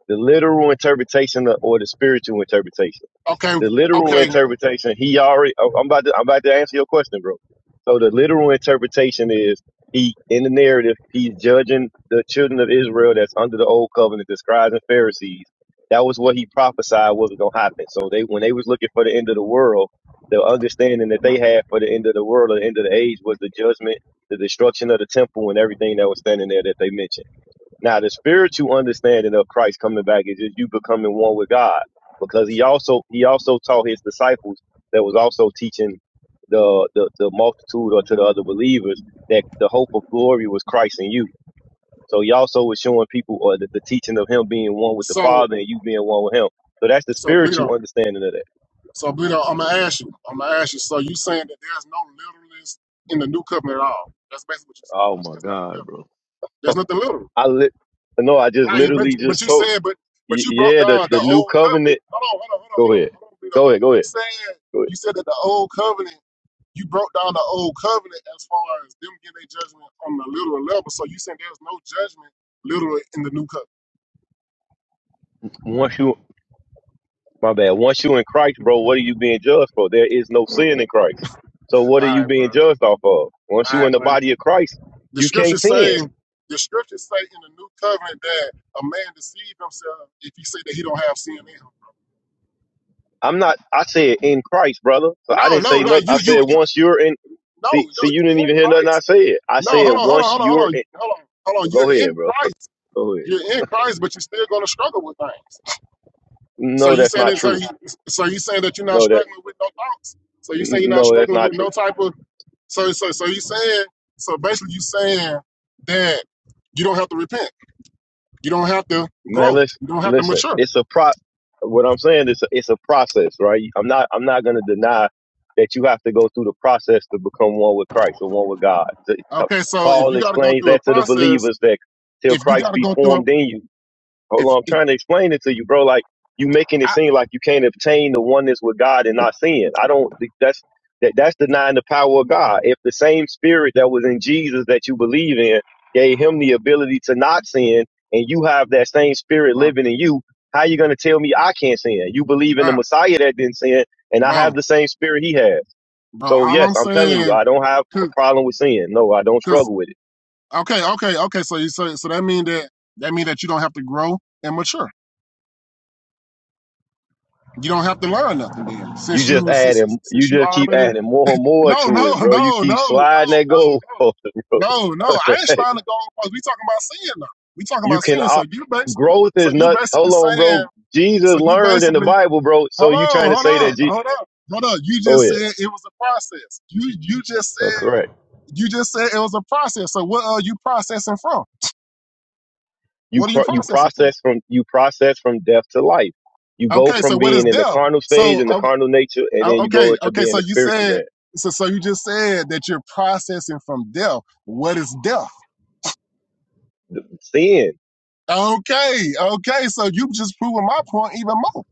S5: the literal interpretation or the spiritual interpretation
S4: Okay,
S5: the literal
S4: okay.
S5: interpretation he already oh, i'm about to i'm about to answer your question bro so the literal interpretation is he in the narrative he's judging the children of israel that's under the old covenant the scribes and pharisees that was what he prophesied was going to happen so they when they was looking for the end of the world the understanding that they had for the end of the world or the end of the age was the judgment the destruction of the temple and everything that was standing there that they mentioned now, the spiritual understanding of Christ coming back is just you becoming one with God, because he also he also taught his disciples that was also teaching the the, the multitude or to the other believers that the hope of glory was Christ in you. So he also was showing people or the, the teaching of him being one with the
S4: So
S5: Father and you being one with him. So that's the
S4: so Bleedo,
S5: spiritual understanding of that.
S4: so Bleedo, I'm gonna ask you. I'm gonna ask you. So you saying that there's no literalness in the new covenant at all? That's basically what you're saying.
S5: Oh my
S4: There's nothing
S5: God,
S4: literal.
S5: bro.
S4: There's nothing literal.
S5: I li- no, I just
S4: Now you but
S5: literally
S4: but
S5: just
S4: you
S5: told
S4: said but
S5: y-
S4: but you broke
S5: yeah the
S4: down the
S5: the new
S4: old covenant.
S5: covenant.
S4: Hold on, hold on, hold on,
S5: Go
S4: hold
S5: ahead,
S4: on, hold on, Bleedo.
S5: go ahead, go
S4: You
S5: ahead,
S4: said
S5: go ahead.
S4: you said that the old covenant you broke down the old covenant as far as them getting their judgment on the literal level. So you saying there's no judgment literally in the new covenant.
S5: Once you My bad. Once you in Christ, bro, what are you being judged for? There is no sin in Christ. So what are
S4: All
S5: you
S4: right, bro.
S5: being judged off of? Once
S4: All
S5: you in
S4: right,
S5: the
S4: bro.
S5: body of Christ,
S4: The
S5: you can't
S4: scriptures say
S5: sin.
S4: the scriptures say in the new covenant that a man deceived himself if he say that he don't have sin in him.
S5: I'm not. I said in Christ, brother. So I
S4: No,
S5: didn't
S4: no,
S5: say nothing.
S4: like you,
S5: I
S4: you,
S5: said
S4: you.
S5: once you're in.
S4: No,
S5: See,
S4: no,
S5: see, you
S4: you
S5: didn't
S4: in
S5: even hear nothing I
S4: Christ.
S5: said. I
S4: No,
S5: said
S4: hold on, hold on,
S5: once
S4: hold on, hold
S5: you're
S4: on,
S5: in.
S4: hold on, hold on.
S5: Go
S4: You're
S5: ahead,
S4: in
S5: bro.
S4: Christ.
S5: *laughs* Go ahead.
S4: You're in Christ, but you're still gonna struggle with things. So
S5: No,
S4: you
S5: that's
S4: saying
S5: not
S4: that? So,
S5: true.
S4: he, so you saying that you're not
S5: No, that.
S4: struggling with no thoughts? So you saying you're not
S5: No, that's
S4: struggling
S5: not
S4: with
S5: true.
S4: no type of? So so so you saying? So basically, you saying that you don't have to repent. You don't have to
S5: Man,
S4: grow.
S5: listen,
S4: You don't have to
S5: listen.
S4: mature.
S5: It's a pro. What I'm saying is, it's a process, right? I'm not, I'm not going to deny that you have to go through the process to become one with Christ or one with God. So- so
S4: Okay. So if
S5: Paul
S4: you got to go
S5: explains
S4: through a
S5: that to the
S4: process,
S5: believers that till
S4: if you got
S5: Christ
S4: to
S5: be
S4: go through a,
S5: formed in you. Hold
S4: if,
S5: on, I'm
S4: if
S5: trying to explain it to you, bro. Like you making it
S4: I,
S5: seem like you can't obtain the oneness with God and not sin. I don't. That's that. That's denying the power of God. If the same Spirit that was in Jesus that you believe in gave him the ability to not sin, and you have that same Spirit
S4: bro,
S5: living in you, how you gonna tell me I can't sin? You believe in the
S4: bro,
S5: Messiah that didn't sin, and I
S4: bro,
S5: have the same Spirit he has.
S4: bro,
S5: So
S4: all
S5: yes,
S4: I'm
S5: I'm telling you,
S4: saying,
S5: I don't have a
S4: cause,
S5: problem with sin. No, I don't
S4: cause,
S5: struggle with it.
S4: okay, okay, okay. So you so so that mean that that mean that you don't have to grow and mature. You don't have to learn nothing then,
S5: You
S4: since
S5: just
S4: you since since
S5: adding, you
S4: since you
S5: just keep
S4: already.
S5: adding more and more
S4: No, no, *laughs*
S5: to it,
S4: no,
S5: bro. You
S4: no, no,
S5: keep sliding
S4: no,
S5: that goal, *laughs*
S4: no,
S5: bro.
S4: no, no.
S5: What
S4: I
S5: the
S4: ain't
S5: heck?
S4: trying to go. Cause we talking about sin now. We talking
S5: You
S4: about
S5: can
S4: sin. So
S5: op-
S4: you basically,
S5: growth
S4: so
S5: is
S4: you
S5: not.
S4: basically
S5: Hold on, bro.
S4: saying, so
S5: Jesus
S4: you
S5: learned in the
S4: basically,
S5: Bible, bro. So
S4: hold
S5: you trying
S4: on,
S5: to
S4: hold
S5: say
S4: on,
S5: that? Je-
S4: hold on, hold on. You
S5: Go
S4: just
S5: ahead.
S4: said it was a process. You you just
S5: Uh,
S4: said
S5: correct.
S4: you just said it was a process. So what are you processing from?
S5: You
S4: What are you
S5: cro- you
S4: processing from?
S5: process from you process from death to life. You go
S4: Okay, so
S5: from
S4: what is
S5: being in the
S4: death?
S5: carnal stage
S4: So
S5: and the carnal nature, and
S4: Oh,
S5: then you go
S4: okay,
S5: into
S4: okay.
S5: being
S4: So
S5: a
S4: you
S5: spiritual
S4: said,
S5: man.
S4: so so you just said that you're processing from death. What is death?
S5: Sin.
S4: Okay, okay. So you just proving my point even more.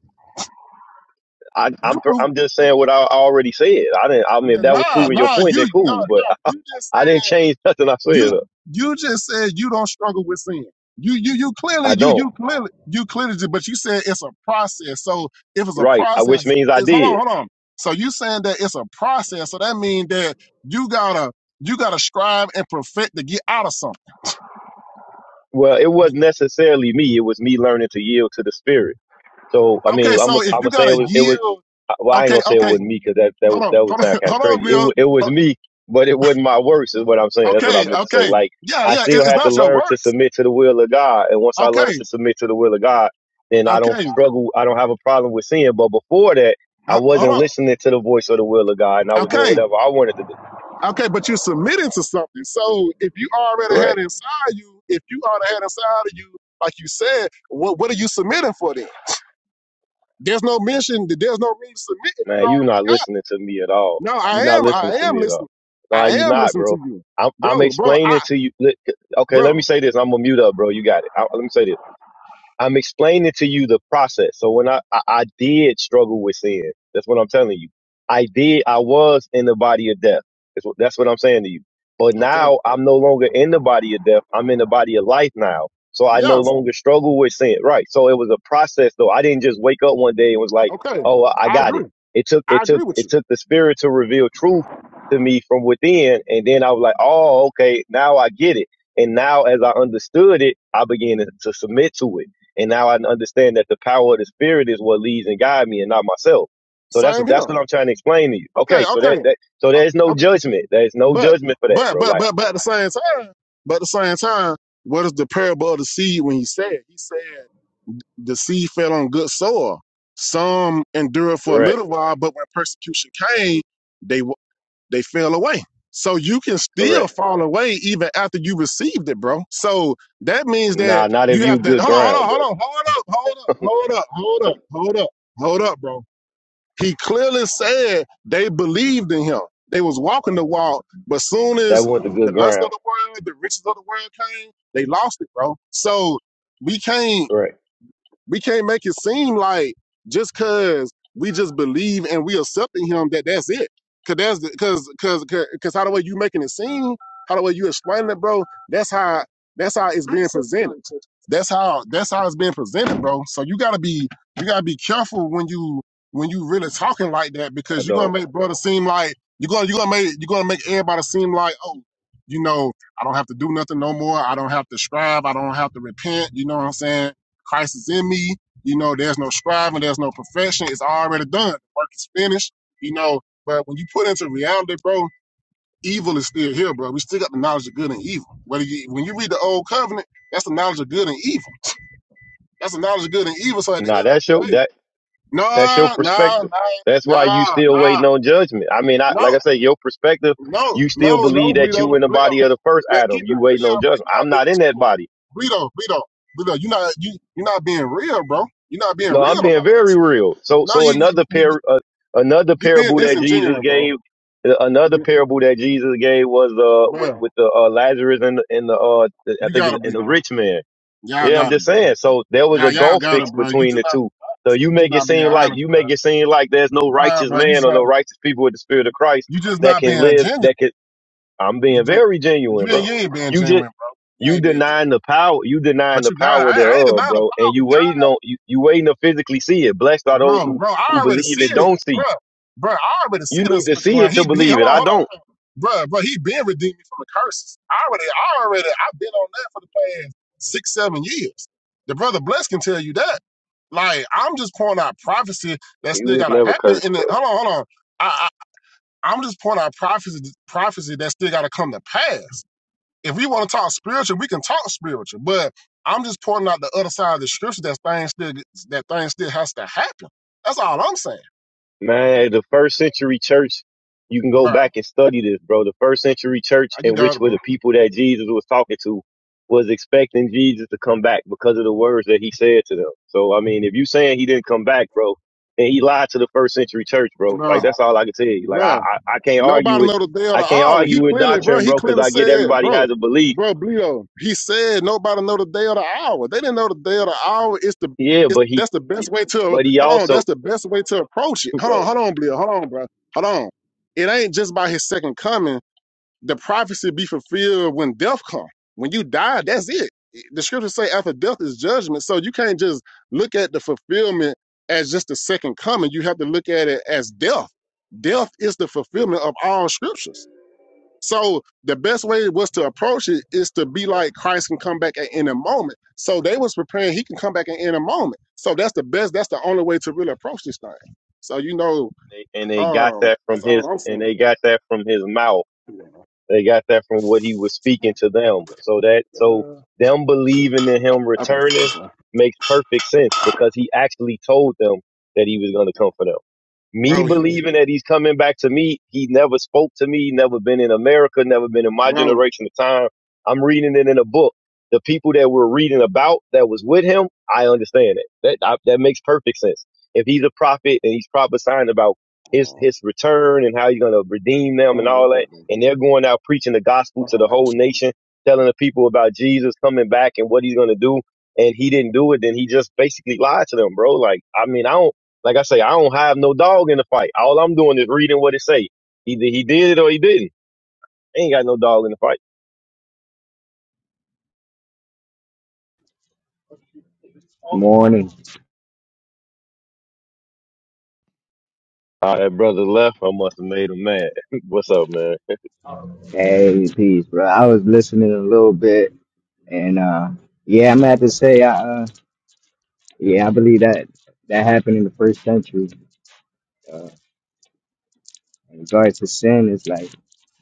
S5: I, I'm
S4: You prove
S5: I'm just saying what I already said. I didn't. I mean, if that was
S4: nah,
S5: proving your
S4: nah.
S5: point, then
S4: You no,
S5: cool. But
S4: no. You just
S5: I didn't
S4: said
S5: change *laughs* nothing I said.
S4: you you just said you don't struggle with sin. You you you clearly
S5: I
S4: you
S5: don't.
S4: you clearly you clearly. did, But you said it's a process. So if it's a
S5: Right. I which
S4: process,
S5: means I
S4: is hold on,
S5: did.
S4: hold on. So you saying that it's a process. So that means that you gotta you gotta strive and perfect to get out of something.
S5: Well, it wasn't necessarily me. It was me learning to yield to the spirit. So I
S4: Okay,
S5: mean, I'm i am
S4: so
S5: i
S4: if you
S5: gonna say it
S4: gotta
S5: was. It was.
S4: yield,
S5: Well, I ain't
S4: okay,
S5: gonna say it
S4: okay,
S5: wasn't me because that that
S4: hold
S5: would-
S4: on,
S5: that would
S4: hold
S5: sound
S4: on, *laughs*
S5: kind of
S4: hold on,
S5: crazy. It
S4: Bill.
S5: wa-
S4: Ho-
S5: it was me, but it wasn't my works. Is what I'm saying. That's what I
S4: Okay,
S5: meant to say.
S4: okay,
S5: Like
S4: yeah,
S5: I
S4: yeah, it,
S5: still
S4: it's
S5: had to
S4: not your
S5: learn to
S4: works.
S5: submit to the will of God. And once I learned
S4: Okay,
S5: to submit to the will of God, then I don't
S4: okay,
S5: struggle. I don't have a problem with sin. But before that, I
S4: ho- hold
S5: wasn't
S4: on,
S5: listening to the voice of the will of God, and I was doing
S4: okay,
S5: whatever I wanted to do.
S4: okay, but you submitted to something. So if you already
S5: Correct.
S4: had it inside you, if you already had it inside of you, like you said, what what are you submitting for then? There's no mention. There's no reason to submit. If you
S5: Man, you
S4: already,
S5: not listening to me at all.
S4: no, I
S5: You not
S4: am, I
S5: listening to
S4: am
S5: me at all.
S4: listening.
S5: Nah,
S4: I
S5: you
S4: am
S5: not,
S4: listening to
S5: bro.
S4: you,
S5: I'm I'm
S4: bro, bro,
S5: explaining
S4: I,
S5: to you. li- Okay, let me
S4: bro.
S5: say this. I'm gonna mute up, bro. You got it. I, let me say this. I'm explaining to you the process. So when I, I, I did struggle with sin, that's what I'm telling you. I did, I was in the body of death. That's what, that's what I'm saying to you. But
S4: Okay,
S5: now I'm no longer in the body of death. I'm in the body of life now. So I no
S4: yes,
S5: longer struggle with sin. Right. So it was a process though. I didn't just wake up one day and was like,
S4: okay,
S5: Oh, I
S4: I
S5: got
S4: agree.
S5: it. It took,
S4: I
S5: it took,
S4: agree with
S5: it
S4: you.
S5: took the spirit to reveal truth to me from within. And then I was like, Oh, okay. Now I get it. And now as I understood it, I began to to submit to it. And now I understand that the power of the Spirit is what leads and guides me, and not myself. So that's what
S4: Same
S5: that's
S4: here.
S5: what I'm trying to explain to you.
S4: Okay,
S5: Okay, so that,
S4: okay.
S5: that so
S4: Uh,
S5: there's no
S4: okay.
S5: judgment. There's no
S4: But
S5: judgment for that,
S4: but
S5: bro.
S4: but
S5: Like
S4: but but at the same time, but at the same time, what is the parable of the seed when he said? He said the seed fell on good soil. Some endured for a
S5: correct,
S4: little while, but when persecution came, they w- they fell away. So you can still
S5: correct.
S4: fall away even after you received it, bro. So that means
S5: Nah,
S4: that
S5: not if
S4: you
S5: you
S4: have to hold
S5: good
S4: on, hold
S5: ground, bro.
S4: on, hold on, hold up, hold up, hold up, hold up, hold up, hold up, bro He clearly said they believed in him. They was walking the walk, but soon as
S5: That wasn't the good
S4: the lust of
S5: ground.
S4: the world, the riches of the world came, they lost it, bro. So we can't.
S5: Correct.
S4: We can't make it seem like just cause we just believe and we accepting him that that's it. Cause that's the, cause cause cause 'cause how the way you making it seem, how the way you explaining it, bro. That's how that's how it's being presented. That's how that's how it's being presented, bro. So you gotta be you gotta be careful when you when you really talking like that
S5: I
S4: because you're gonna
S5: don't.
S4: make brother seem like you're gonna you're gonna make you're gonna make everybody seem like oh you know I don't have to do nothing no more. I don't have to strive. I don't have to repent. You know what I'm saying? Christ is in me. You know, there's no striving, there's no perfection. It's already done. The work is finished. You know, but when you put into reality, bro, evil is still here, bro. We still got the knowledge of good and evil. Whether you when you read the old covenant, that's the knowledge of good and evil. That's the knowledge of good and evil. So at the end
S5: Nah, that's your
S4: of the day,
S5: that that's your
S4: nah, nah,
S5: perspective. That's
S4: nah,
S5: why you
S4: nah,
S5: still
S4: nah,
S5: waiting on judgment. I mean, I like
S4: no,
S5: I say, your perspective.
S4: no,
S5: You still
S4: no,
S5: believe
S4: no,
S5: that you in
S4: Bleedo,
S5: the
S4: Bleedo.
S5: body of the first
S4: Man,
S5: Adam.
S4: keep it
S5: You waiting on
S4: real, bro.
S5: judgment.
S4: You're not
S5: I'm
S4: being
S5: not in that
S4: genuine.
S5: body.
S4: Bleedo, Bleedo, Bleedo, you're not you you're not being real, bro. You're not being
S5: No, I'm
S4: real about
S5: being
S4: it.
S5: very real. So,
S4: No,
S5: so
S4: you you,
S5: another
S4: you
S5: par, uh, another
S4: you being
S5: parable that Jesus
S4: disingenuous, bro.
S5: gave, uh,
S4: You
S5: another
S4: been,
S5: parable that Jesus gave was uh with,
S4: bro,
S5: with the uh, Lazarus and the, and the uh I
S4: you
S5: think
S4: gotta
S5: it's-
S4: be
S5: and the
S4: though.
S5: rich man.
S4: Y'all
S5: Yeah, I'm
S4: got
S5: just
S4: it, bro.
S5: saying. So there was a
S4: Y'all y'all
S5: gulf
S4: got
S5: fix
S4: it, bro. You
S5: between
S4: just
S5: the
S4: not
S5: two. So you
S4: you just
S5: make it
S4: not being
S5: seem like
S4: honest,
S5: you
S4: bro.
S5: make it seem like there's no
S4: Nah,
S5: righteous
S4: bro. You
S5: man
S4: just
S5: or no
S4: not
S5: righteous people with the spirit of Christ
S4: you just
S5: that
S4: not
S5: can
S4: being
S5: live
S4: genuine.
S5: that can. I'm
S4: You
S5: being
S4: just
S5: very
S4: you
S5: genuine,
S4: ain't
S5: bro.
S4: you ain't being
S5: You just
S4: genuine, bro. You
S5: you
S4: ain't being genuine.
S5: denying the power you denying
S4: But
S5: the
S4: you got it.
S5: power
S4: I, I ain't
S5: thereof
S4: denying the
S5: bro and
S4: power,
S5: you
S4: God.
S5: waiting on you, you waiting to physically see it blessed are those
S4: bro,
S5: who
S4: bro.
S5: who
S4: I already
S5: believe
S4: see
S5: it
S4: it,
S5: don't
S4: bro,
S5: see
S4: bro. I already
S5: you
S4: see
S5: need
S4: this
S5: to
S4: switch, you,
S5: see it to
S4: He he. Hold
S5: believe it
S4: on,
S5: i
S4: hold on.
S5: don't
S4: Bruh, bruh, he been redeeming me from the curses. I already, I already, I've been on that for the past six, seven years. The brother Bless can tell you that. Like, I'm just pointing out prophecy that
S5: It
S4: still
S5: was
S4: gotta
S5: never
S4: happen.
S5: cursed
S4: And then,
S5: bro
S4: hold on, hold on. I, I, I'm just pointing out prophecy, prophecy that still gotta come to pass. If we want to talk spiritual, we can talk spiritual. But I'm just pointing out the other side of the scripture that things still, that thing still has to happen. That's all I'm saying,
S5: Man, the first century church, you can go
S4: bro.
S5: back and study this, bro. The first century church,
S4: You
S5: in
S4: got
S5: which
S4: it,
S5: were
S4: bro.
S5: the people that Jesus was talking to, was expecting Jesus to come back because of the words that he said to them. So, I mean, if you saying he didn't come back, bro, and he lied to the first century church, bro, like
S4: Bro,
S5: that's all I can tell you. Like, I,
S4: bro.
S5: I, I can't argue
S4: Nobody
S5: with,
S4: know the day or
S5: I
S4: the
S5: can't
S4: hour.
S5: argue
S4: He
S5: with
S4: clearly, bro,
S5: doctrine,
S4: he
S5: bro, because
S4: clearly
S5: I get
S4: said,
S5: everybody
S4: bro,
S5: has a belief.
S4: bro, Bleedo, he said nobody know the day or the hour. They didn't know the day or the hour. It's the
S5: Yeah,
S4: it's
S5: but he,
S4: that's the best way to
S5: but he
S4: hold on,
S5: also,
S4: that's the best way to approach it.
S5: *laughs*
S4: Hold
S5: bro,
S4: on, hold on, Bleedo, hold on, bro. Hold on. It ain't just by his second coming the prophecy be fulfilled when death come. When you die, that's it. The scriptures say after death is judgment. So you can't just look at the fulfillment as just the second coming. You have to look at it as death. Death is the fulfillment of all scriptures. So the best way was to approach it is to be like Christ can come back at any moment. So they was preparing he can come back at any moment. So that's the best, that's the only way to really approach this thing. So you know,
S5: and they got
S4: um,
S5: that from
S4: that's all
S5: his,
S4: I'm
S5: and
S4: saying.
S5: they got that from his mouth They got that from what he was speaking to them. So that so
S4: Okay.
S5: them
S4: So,
S5: believing in
S4: Okay,
S5: him
S4: okay,
S5: returning
S4: that's fine.
S5: makes perfect sense because he actually told them that he was going to come for them me
S4: Bro, he, he
S5: believing that he's coming back to me. He never spoke to me, never been in America, never been in my
S4: bro,
S5: generation of time. I'm reading it in a book. The people that we're reading about that was with him, I understand it. That I, that makes perfect sense. If he's a prophet and he's prophesying about
S4: Hold on,
S5: his
S4: hold
S5: his return and how he's gonna redeem them and
S4: on real
S5: all that,
S4: quick, bro.
S5: and they're going out preaching the gospel
S4: on.
S5: to
S4: Okay.
S5: the
S4: do
S5: whole
S4: shit
S5: nation, telling the people about Jesus coming back and what he's gonna do, and he didn't do it, then he just basically lied to them, bro. Like, I mean, I don't. Like I say, I don't have no dog in the fight. All I'm doing is reading what it say. Either he did it or he didn't. I ain't got no dog in the fight.
S6: Morning.
S5: All right, that brother left. I must have made him mad. *laughs* What's up, man?
S6: Hey, peace, bro. I was listening a little bit, and uh, yeah, I'm gonna have to say, I, uh, yeah, I believe that that happened in the first century. Uh, in regards to sin, it's like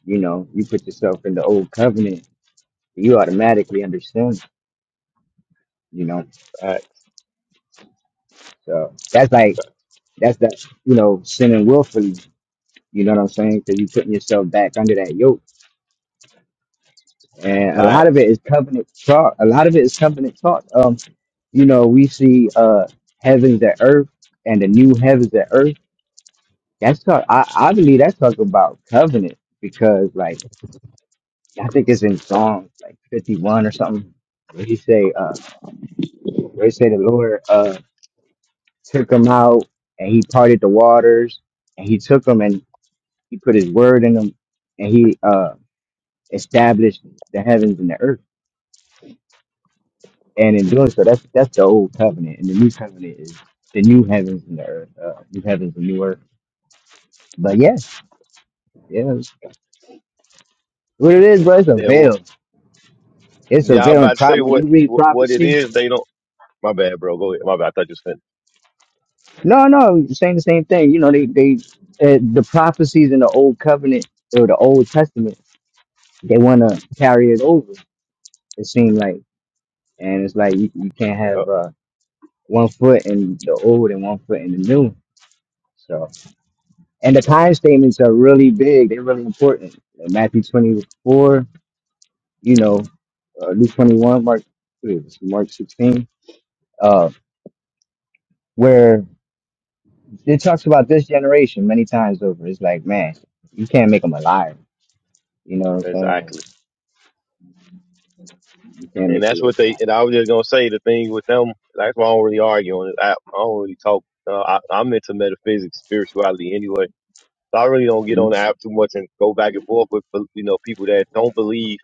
S6: you know, you put yourself in the old covenant, you automatically under sin. You know,
S5: Thanks,
S6: so that's like that's that you know, sinning willfully. You know what I'm saying? Because you putting yourself back under that yoke, and a lot of
S5: thanks.
S6: it is covenant talk. A lot of it is covenant talk. you know, we see uh heavens and earth and the new heavens and earth. That's talk I, I believe that's talk about covenant because like I think it's in Psalms like fifty one or something where he say uh where he say the Lord uh took them out and he parted the waters and he took them and he put his word in them and he uh established the heavens and the earth. And in doing so that's that's the old covenant and the new covenant is the new heavens and the earth, uh, new heavens and new earth. But yeah. Yeah. What it is, bro, it's a
S5: Yeah, well,
S6: veil. It's a
S5: yeah. I
S6: veil in
S5: about to
S6: prop.
S5: say
S6: When
S5: what
S6: you read
S5: what what it
S6: prophecy,
S5: is. They don't. My bad, bro. Go ahead. My bad. I thought you was finished.
S6: no, no, saying the same thing. You know, they, they, uh, the prophecies in the old covenant or the old testament, they want to carry it over. It seems like, and it's like you, you can't have
S5: Yeah,
S6: uh, one foot in the old and one foot in the new. So, and the time statements are really big. They're really important. Like Matthew 24, you know, uh, Luke 21, Mark, what is it, Mark 16, uh, where It talks about this generation many times over. It's like, man, you can't make them a liar. You know what I'm saying? Like,
S5: exactly.
S6: you can't
S5: And
S6: make the
S5: that's
S6: Lord
S5: what
S6: a
S5: they.
S6: liar.
S5: And I was just gonna say the thing with them. That's why I don't really argue on this app. I don't really talk. Uh, I, I'm into metaphysics, spirituality anyway So I really don't get on the
S6: Mhm.
S5: app too much and go back and forth with you know people that don't believe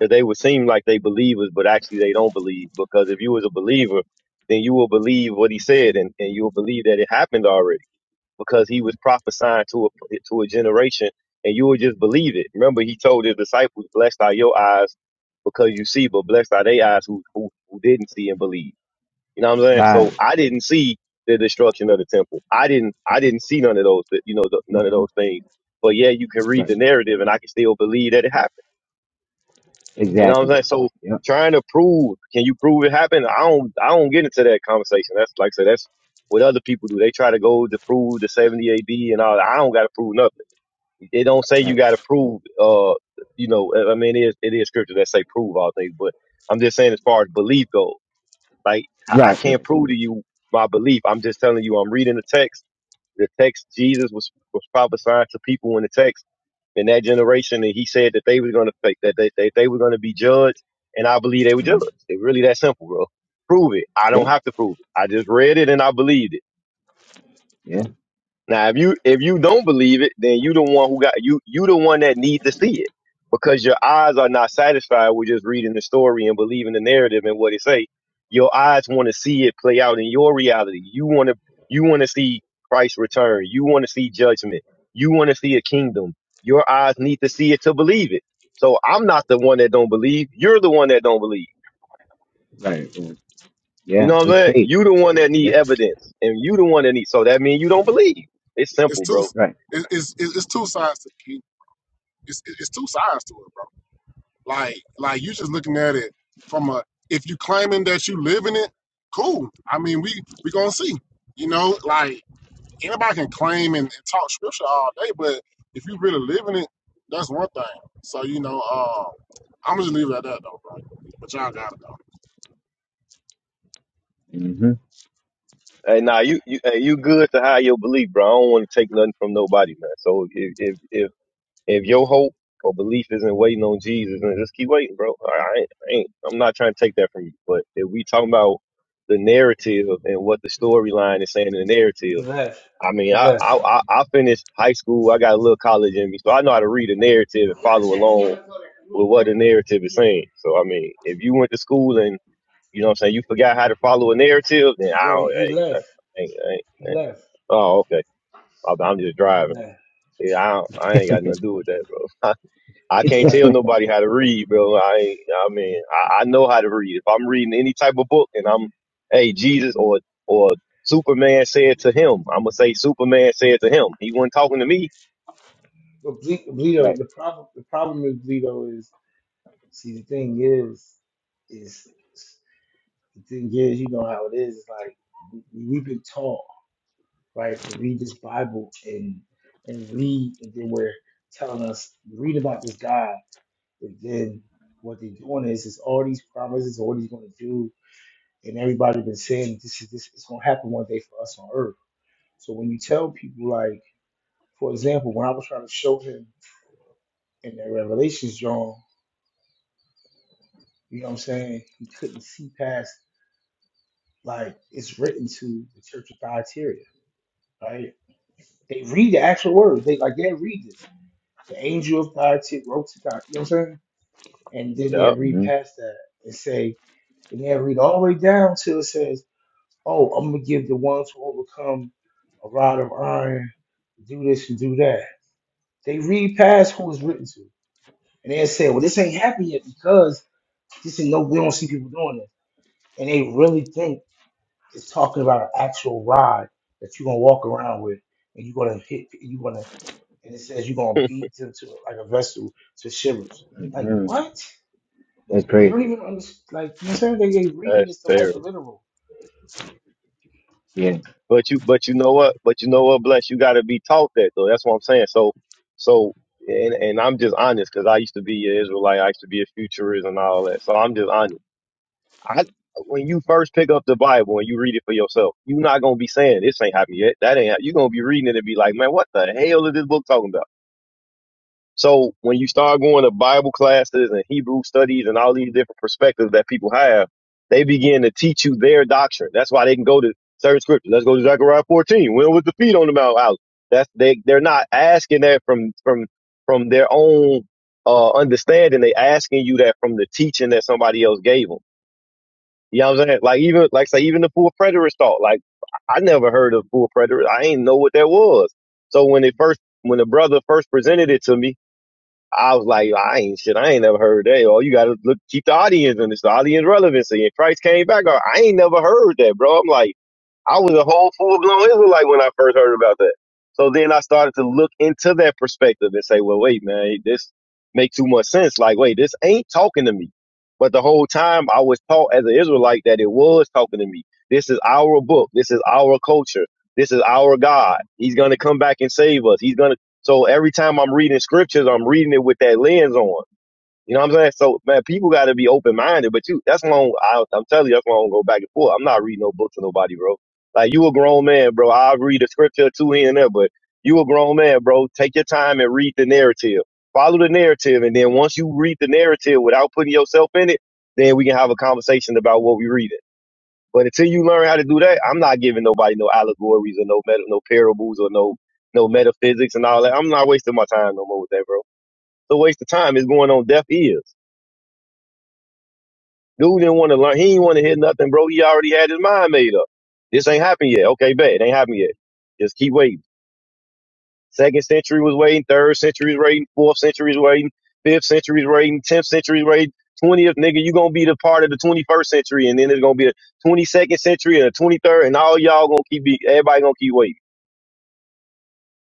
S5: that they would seem like they believers, but actually they don't believe because if you was a believer, then you will believe what he said and, and you will believe that it happened already because he was prophesying to a to a generation and you will just believe it. Remember, he told his disciples, "Blessed are your eyes because you see, but blessed are they eyes who who, who didn't see and believe." You know what I'm saying? So
S6: Lies.
S5: I didn't see the destruction of the temple. I didn't I didn't see none of those you know th- none of those things. But yeah, you can read the
S6: Right.
S5: narrative, and I can still believe that it happened. You know what I'm
S6: Exactly.
S5: saying? So
S6: Yep.
S5: trying to prove can you prove it happened? I don't I don't get into that conversation. That's like I said, that's what other people do. They try to go to prove the 70 AD and all. that. I don't got to prove nothing. They don't say you
S6: Right.
S5: got to prove. Uh, you know, I I mean, it is, it is scripture that say prove all things, but I'm just saying as far as belief goes. Like I
S6: Right.
S5: can't
S6: Right.
S5: prove to you my belief. I'm just telling you. I'm reading the text. The text Jesus was was prophesying to people in the text in that generation, and he said that they were going to that they, they they were going to be judged, and I believe they were judged.
S6: Mhm.
S5: It's really that simple, bro. Prove it. I don't
S6: Yep.
S5: have to prove it. I just read it and I believed it.
S6: Yeah.
S5: Now, if you if you don't believe it, then you the one who got you you the one that need to see it because your eyes are not satisfied with just reading the story and believing the narrative and what it say. Your eyes want to see it play out in your reality. You want to you want to see Christ's return. You want to see judgment. You want to see a kingdom. Your eyes need to see it to believe it. So I'm not the one that don't believe. You're the one that don't believe.
S6: Right. Yeah.
S5: You
S6: Yeah.
S5: know what I'm
S6: It's
S5: saying?
S6: faith.
S5: You the one that need
S6: Yep.
S5: evidence, and you the one that need. So that means you don't believe. It's
S4: It's
S5: simple,
S4: two
S5: bro.
S6: Right.
S4: it- it's it's, it's two sides to it. It's it- it's two sides to it, bro. Like like you just looking at it from a if you claiming that you live in it, cool. I mean we we gonna see. You know, like anybody can claim and, and talk scripture all day, but if you really live in it, that's one thing. So you know, uh, I'm gonna just leave it at that though, bro. But y'all got it though.
S6: hmm
S5: Hey, nah, you you hey, you good to hide your belief, bro. I don't want to take nothing from nobody, man. So if if if if your hope or belief isn't waiting on Jesus, then just keep waiting, bro. I I ain't, I ain't I'm not trying to take that from you. But if we talking about the narrative and what the storyline is saying in the narrative,
S3: he left.
S5: I mean,
S3: He
S5: I
S3: left.
S5: I I I finished high school. I got a little college in me, so I know how to read a narrative and follow along with what the narrative is saying. So I mean, if you went to school and you know what I'm saying? You forgot how to follow a narrative, then I
S3: Yo,
S5: don't.
S3: he
S5: Hey,
S3: left.
S5: that's, ain't, ain't,
S3: He
S5: ain't.
S3: left.
S5: Oh, okay. I'm, I'm just
S3: He
S5: driving.
S3: left.
S5: Yeah, I don't, I ain't got nothing to
S6: *laughs*
S5: do with that, bro. I
S3: He
S5: can't
S3: left.
S5: tell nobody how to read, bro. I ain't, I mean, I, I know how to read. If I'm reading any type of book and I'm, hey, Jesus or or Superman said to him, I'm gonna say Superman said to him. He wasn't talking to me.
S3: But Ble- Bleedo,
S6: right.
S3: the problem the problem with Bleedo is see the thing is is the thing is you know how it is. It's like we- we've been taught right to read this Bible and and read, and then we're telling us read about this guy, and then what they're doing is is all these promises, all he's going to do, and everybody been saying this is this is going to happen one day for us on earth. So when you tell people like, for example, when I was trying to show him in that Revelations, John. You know what I'm saying? He couldn't see past like it's written to the church of Thyatira, right? They read the actual words. They like they read this. The angel of Thyatira wrote to God. You know what I'm saying? And then they
S5: Yeah,
S3: read
S6: hmm
S3: past that and say, and they read all the way down till it says, "Oh, I'm gonna give the ones who overcome a rod of iron, do this and do that." They read past who it's written to, and they say, "Well, this ain't happened yet because this ain't no. We don't see people doing it." and they really think It's talking about an actual rod that you're gonna walk around with, and you're gonna hit. You're gonna, and it says you're gonna
S5: *laughs*
S3: beat them to like a vessel to shivers. Like
S6: hmm
S3: what?
S6: That's
S3: They
S6: crazy.
S3: don't even understand. Like you know, what I'm saying they, they reading
S5: that's
S3: this stuff
S5: terrible.
S3: hyper literal.
S6: Yeah.
S5: But you, but you know what? But you know what, bless you got to be taught that though. That's what I'm saying. So, so, and and I'm just honest because I used to be an Israelite. I used to be a futurist and all that. So I'm just honest. I when you first pick up the Bible and you read it for yourself, you're not gonna be saying this ain't happened yet. That ain't. hap-" you gonna be reading it and be like, man, what the hell is this book talking about? So when you start going to Bible classes and Hebrew studies and all these different perspectives that people have, they begin to teach you their doctrine. That's why they can go to certain scriptures. Let's go to Zechariah 14. When was the feet on the Mount out? That's they they're not asking that from from from their own uh understanding. They asking you that from the teaching that somebody else gave them. You know what I'm saying? Like even like say even the full preterist thought. Like I never heard of full preterist. I ain't know what that was. So when they first when the brother first presented it to me, I was like, I ain't shit. I ain't never heard that. Oh, you gotta look, keep the audience and it's the audience relevancy. And Christ came back. I ain't never heard that, bro. I'm like. I was a whole full blown Israelite when I first heard about that. So then I started to look into that perspective and say, well, wait, man, this makes too much sense. Like, wait, this ain't talking to me. But the whole time I was taught as an Israelite that it was talking to me. This is our book. This is our culture. This is our God. He's going to come back and save us. He's going to. So every time I'm reading scriptures, I'm reading it with that lens on. You know what I'm saying? So man, people got to be open minded. But you, that's why I'm, I, don't- I'm telling you, that's why I don't go back and forth. I'm not reading no book to nobody, bro. Like you a grown man, bro. I'll read a scripture or two here and there, but you a grown man, bro. Take your time and read the narrative. Follow the narrative, and then once you read the narrative without putting yourself in it, then we can have a conversation about what we read it. But until you learn how to do that, I'm not giving nobody no allegories or no meta, no parables or no no metaphysics and all that. I'm not wasting my time no more with that, bro. The waste of time. is going on deaf ears. Dude didn't want to learn. He didn't want to hear nothing, bro. He already had his mind made up. This ain't happened yet. Okay, bet. It ain't happened yet. Just keep waiting. Second century was waiting. Third century was waiting. Fourth century was waiting. Fifth century was waiting. Tenth century was waiting. Twentieth nigga, you gonna be the part of the twenty first century, and then there's gonna be a twenty second century and a twenty third, and all y'all gonna keep be everybody gonna keep waiting.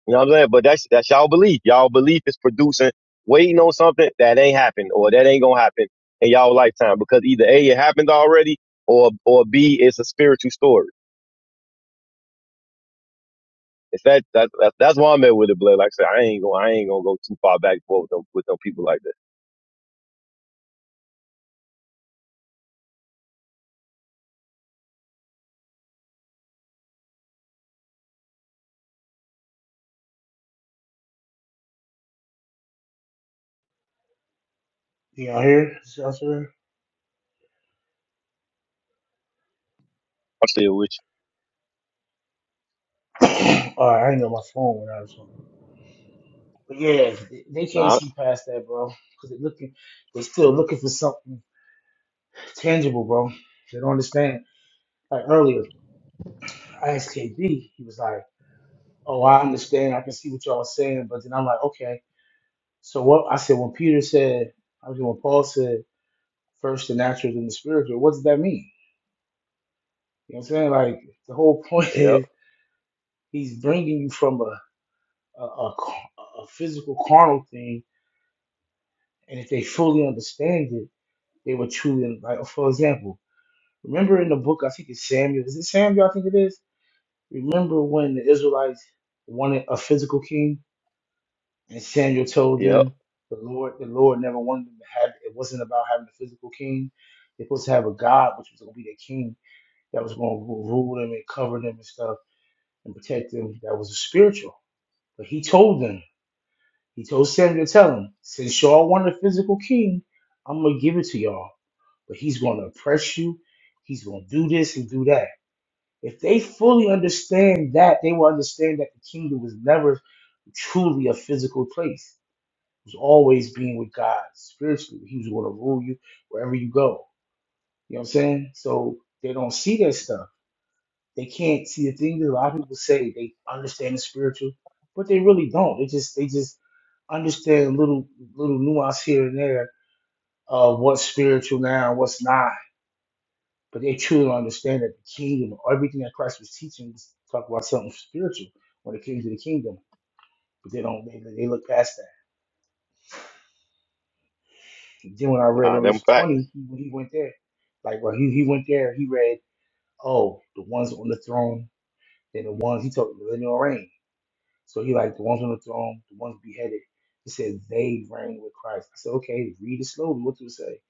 S5: You know what I'm saying? But that's that's y'all belief. Y'all belief is producing waiting on something that ain't happened or that ain't gonna happen in y'all lifetime because either A it happened already or or B it's a spiritual story. It's that that, that that's why I'm at with it, Blake. Like I said, I ain't gonna I ain't gonna go too far back and forth with them with them people like that.
S3: You know, here, see what I'm
S5: I'm still with you.
S3: saying? *coughs* *clears throat* All right, I ain't got my phone when I was on. But yeah, they they can't
S5: Nah,
S3: see past that, bro. Cause they're looking, they still looking for something tangible, bro. They don't understand. Like earlier, I asked KB, he was like. oh, I understand. I can see what y'all are saying. But then I'm like, okay. So what I said when Peter said, I mean, when Paul said, first the natural, then the spiritual. What does that mean? You know what I'm saying? Like the whole point *laughs*
S5: yep,
S3: is he's bringing you from a a, a ca- a physical carnal thing, and if they fully understand it, they would truly like. For example, remember in the book, I think it's Samuel. Is it Samuel? I think it is. Remember when the Israelites wanted a physical king And Samuel told
S5: yep.
S3: them the Lord, the Lord never wanted them to have. It wasn't about having a physical king. They're supposed to have a God, which was going to be their king, that was going to rule them and cover them and stuff and protect them. That was a spiritual. But he told them, he told Samuel to tell them, since y'all want a physical king, I'm going to give it to y'all. But he's going to oppress you. He's going to do this and do that. If they fully understand that, they will understand that the kingdom was never truly a physical place was always being with God spiritually. He was going to rule you wherever you go. You know what I'm saying? So they don't see that stuff. They can't see the things that a lot of people say they understand the spiritual, but they really don't. They just they just understand little little nuance here and there of what's spiritual now and what's not. But they truly don't understand that the kingdom, everything that Christ was teaching, was talk about something spiritual when it came to the kingdom. But they don't. They, they look past that. Then when I read
S5: Nah, them
S3: Revelation
S5: facts.
S3: 20, he, when he went there. Like, well, he, he went there, he read, oh, the ones on the throne, then the ones, he talked millennial reign. So he like, the ones on the throne, the ones beheaded. He said, they reign with Christ. I said, okay, read it slowly. What do it say?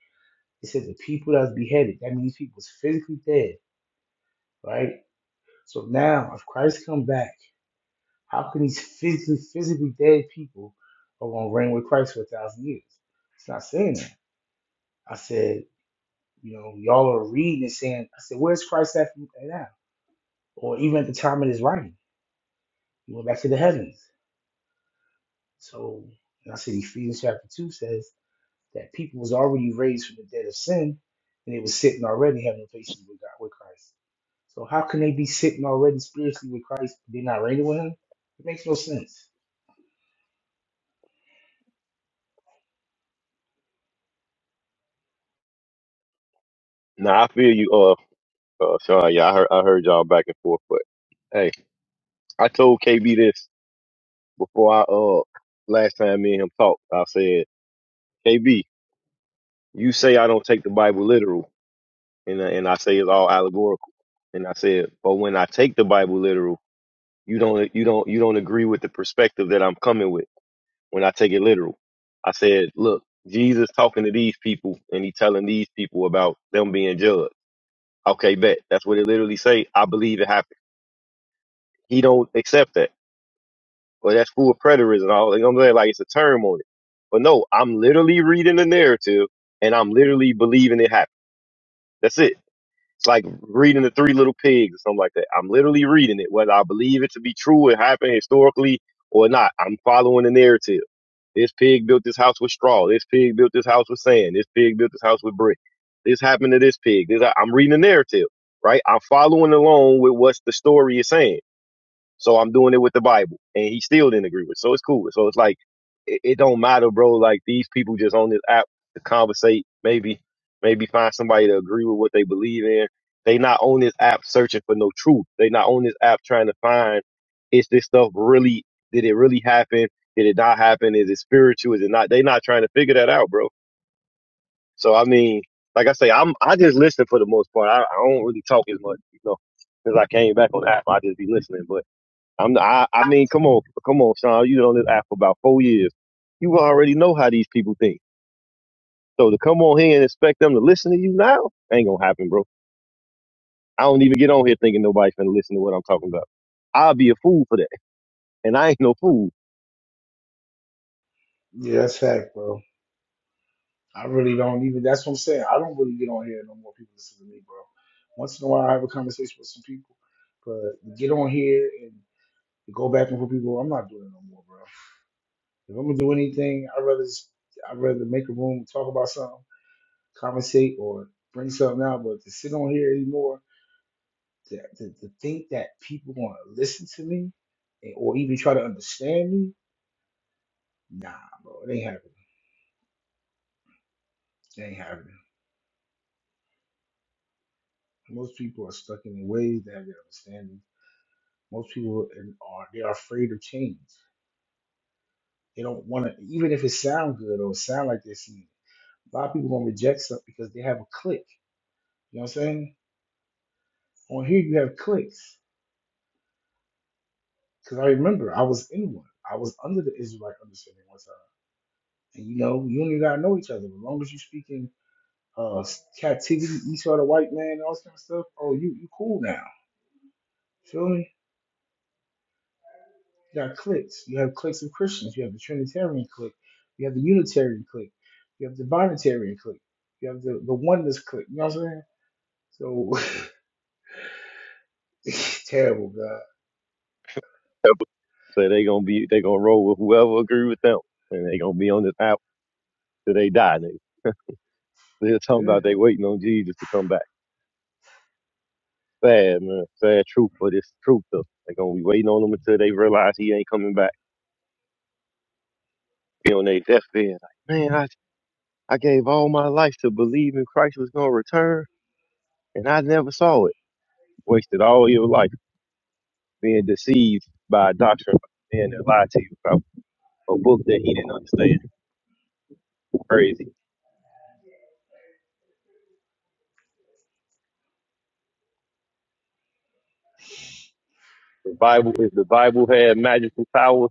S3: It said, the people that's beheaded, that means people was physically dead, right? So now, if Christ come back, how can these physically, physically dead people are going to reign with Christ for a thousand years? It's not saying that. I said, You know, y'all are reading and saying, I said, where's Christ at now? Or even at the time of his writing, he went back to the heavens. So, and I said, Ephesians chapter 2 says that people was already raised from the dead of sin, and they was sitting already having faces with God, with Christ. So how can they be sitting already spiritually with Christ? but They're not reigning with him? It makes no sense.
S5: Nah, I feel you. Uh, uh Sean, yeah, I heard I heard y'all back and forth, but hey, I told KB this before I uh last time me and him talked. I said. KB. You say I don't take the Bible literal, and and I say it's all allegorical. And I said, but when I take the Bible literal, you don't you don't you don't agree with the perspective that I'm coming with when I take it literal. I said, look, Jesus talking to these people, and he telling these people about them being judged. Okay, bet that's what it literally say. I believe it happened. He don't accept that. Well, that's full of preterism. All you know what I'm saying, like it's a term on it. But no, I'm literally reading the narrative, and I'm literally believing it happened. That's it. It's like reading the Three Little Pigs or something like that. I'm literally reading it, whether I believe it to be true, it happened historically or not. I'm following the narrative. This pig built this house with straw. This pig built this house with sand. This pig built this house with brick. This happened to this pig. This, I'm reading the narrative, right? I'm following along with what the story is saying. So I'm doing it with the Bible, and he still didn't agree with. it. So it's cool. So it's like it, it don't matter, bro. Like these people just on this app to conversate, maybe maybe find somebody to agree with what they believe in. They not on this app searching for no truth. They not on this app trying to find is this stuff really did it really happen? Did it not happen? Is it spiritual? Is it not? They not trying to figure that out, bro. So I mean, like I say, I'm I just listen for the most part. I, I don't really talk as much, you know, since I came back on the app. I just be listening, but. I'm I, I mean, come on, come on, Sean. You been on this app for about four years. You already know how these people think. So to come on here and expect them to listen to you now ain't gonna happen, bro. I don't even get on here thinking nobody's gonna listen to what I'm talking about. I'll be a fool for that, and I ain't no fool.
S3: Yeah, that's fact, bro. I really don't even that's what I'm saying. I don't really get on here no more people listen to me, bro. Once in a while I have a conversation with some people. But to get on here and. Go back and for people. I'm not doing it no more, bro. If I'm gonna do anything, I'd rather s- I'd rather make a room, talk about something, conversate, or bring something out. But to sit on here anymore, to to, to think that people want to listen to me and- or even try to understand me, nah, bro, it ain't happening. It ain't happening. Most people are stuck in their ways. They have their understanding. Most people are are- they are afraid of change. They don't want to, even if it sound good or sound like they're seeing. A lot of people gonna reject stuff because they have a click. You know what I'm saying? On here you have clicks. Because I remember I was in one. I was under the Israelite understanding one time. And you know, you don't even gotta know each other. As long as you speaking uh captivity, Esau the white man, and all this kind of stuff, oh you you cool now. Feel me? You got cliques. You have cliques of Christians, you have the Trinitarian clique, you have the Unitarian clique, you have the Binitarian clique, you have the, the oneness clique, you know what I'm saying? So *laughs* it's terrible, God.
S5: *laughs* So they gonna be, they gonna roll with whoever agree with them, and they gonna be on this app till they die. Nigga. They're talking
S3: Yeah.
S5: about they waiting on Jesus to come back. Sad man, sad truth, but it's the truth though. They gonna be waiting on him until they realize he ain't coming back. Be on their deathbed, like man, I I gave all my life to believe in Christ was going to return, and I never saw it. Wasted all your life being deceived by a doctrine man that lied to you about a book that he didn't understand. Crazy. The Bible, if the Bible had magical powers,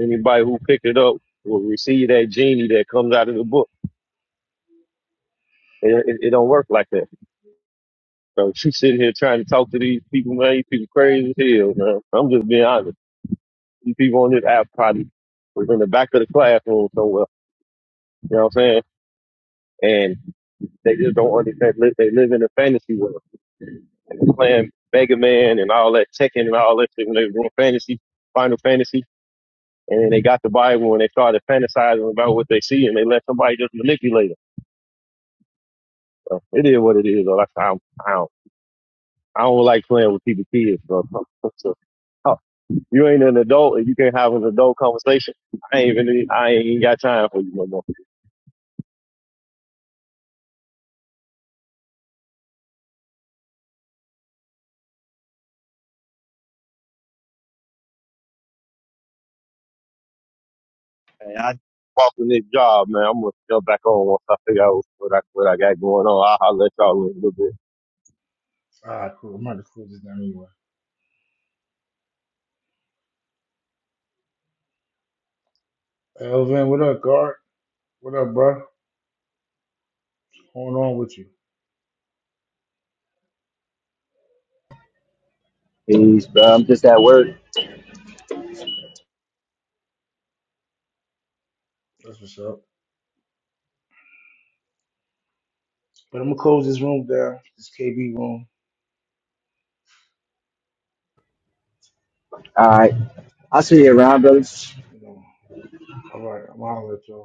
S5: anybody who picked it up will receive that genie that comes out of the book. It, it, it don't work like that. So *laughs* you sitting here trying to talk to these people, man. These people crazy as hell, man. I'm just being honest. These people on this app probably was in the back of the classroom somewhere. You know what I'm saying? And They just don't understand. li- They live in a fantasy world. they playing Mega Man and all that, Tekken and all that shit when they were doing fantasy, Final Fantasy. And then they got the Bible and they started fantasizing about what they see and they let somebody just manipulate them. So it is what it is. though. That's how I don't, I don't like playing with people's kids. Bro. *laughs* So, oh, you ain't an adult and you can't have an adult conversation. I ain't even, I ain't got time for you no more. I walk in this job, man. I'm gonna jump back on once I figure out what I, what I got going on. I'll, I'll let y'all in a little bit.
S3: Ah, cool. I'm about to close this down anyway. Elvin, what up, guard? What up, bro? going on with you.
S6: Peace, bro. I'm just at work.
S3: That's what's up. But I'm gonna close this room down, this KB room.
S6: All right. I'll see you around, brother.
S3: You know, all right, I'm out of at y'all.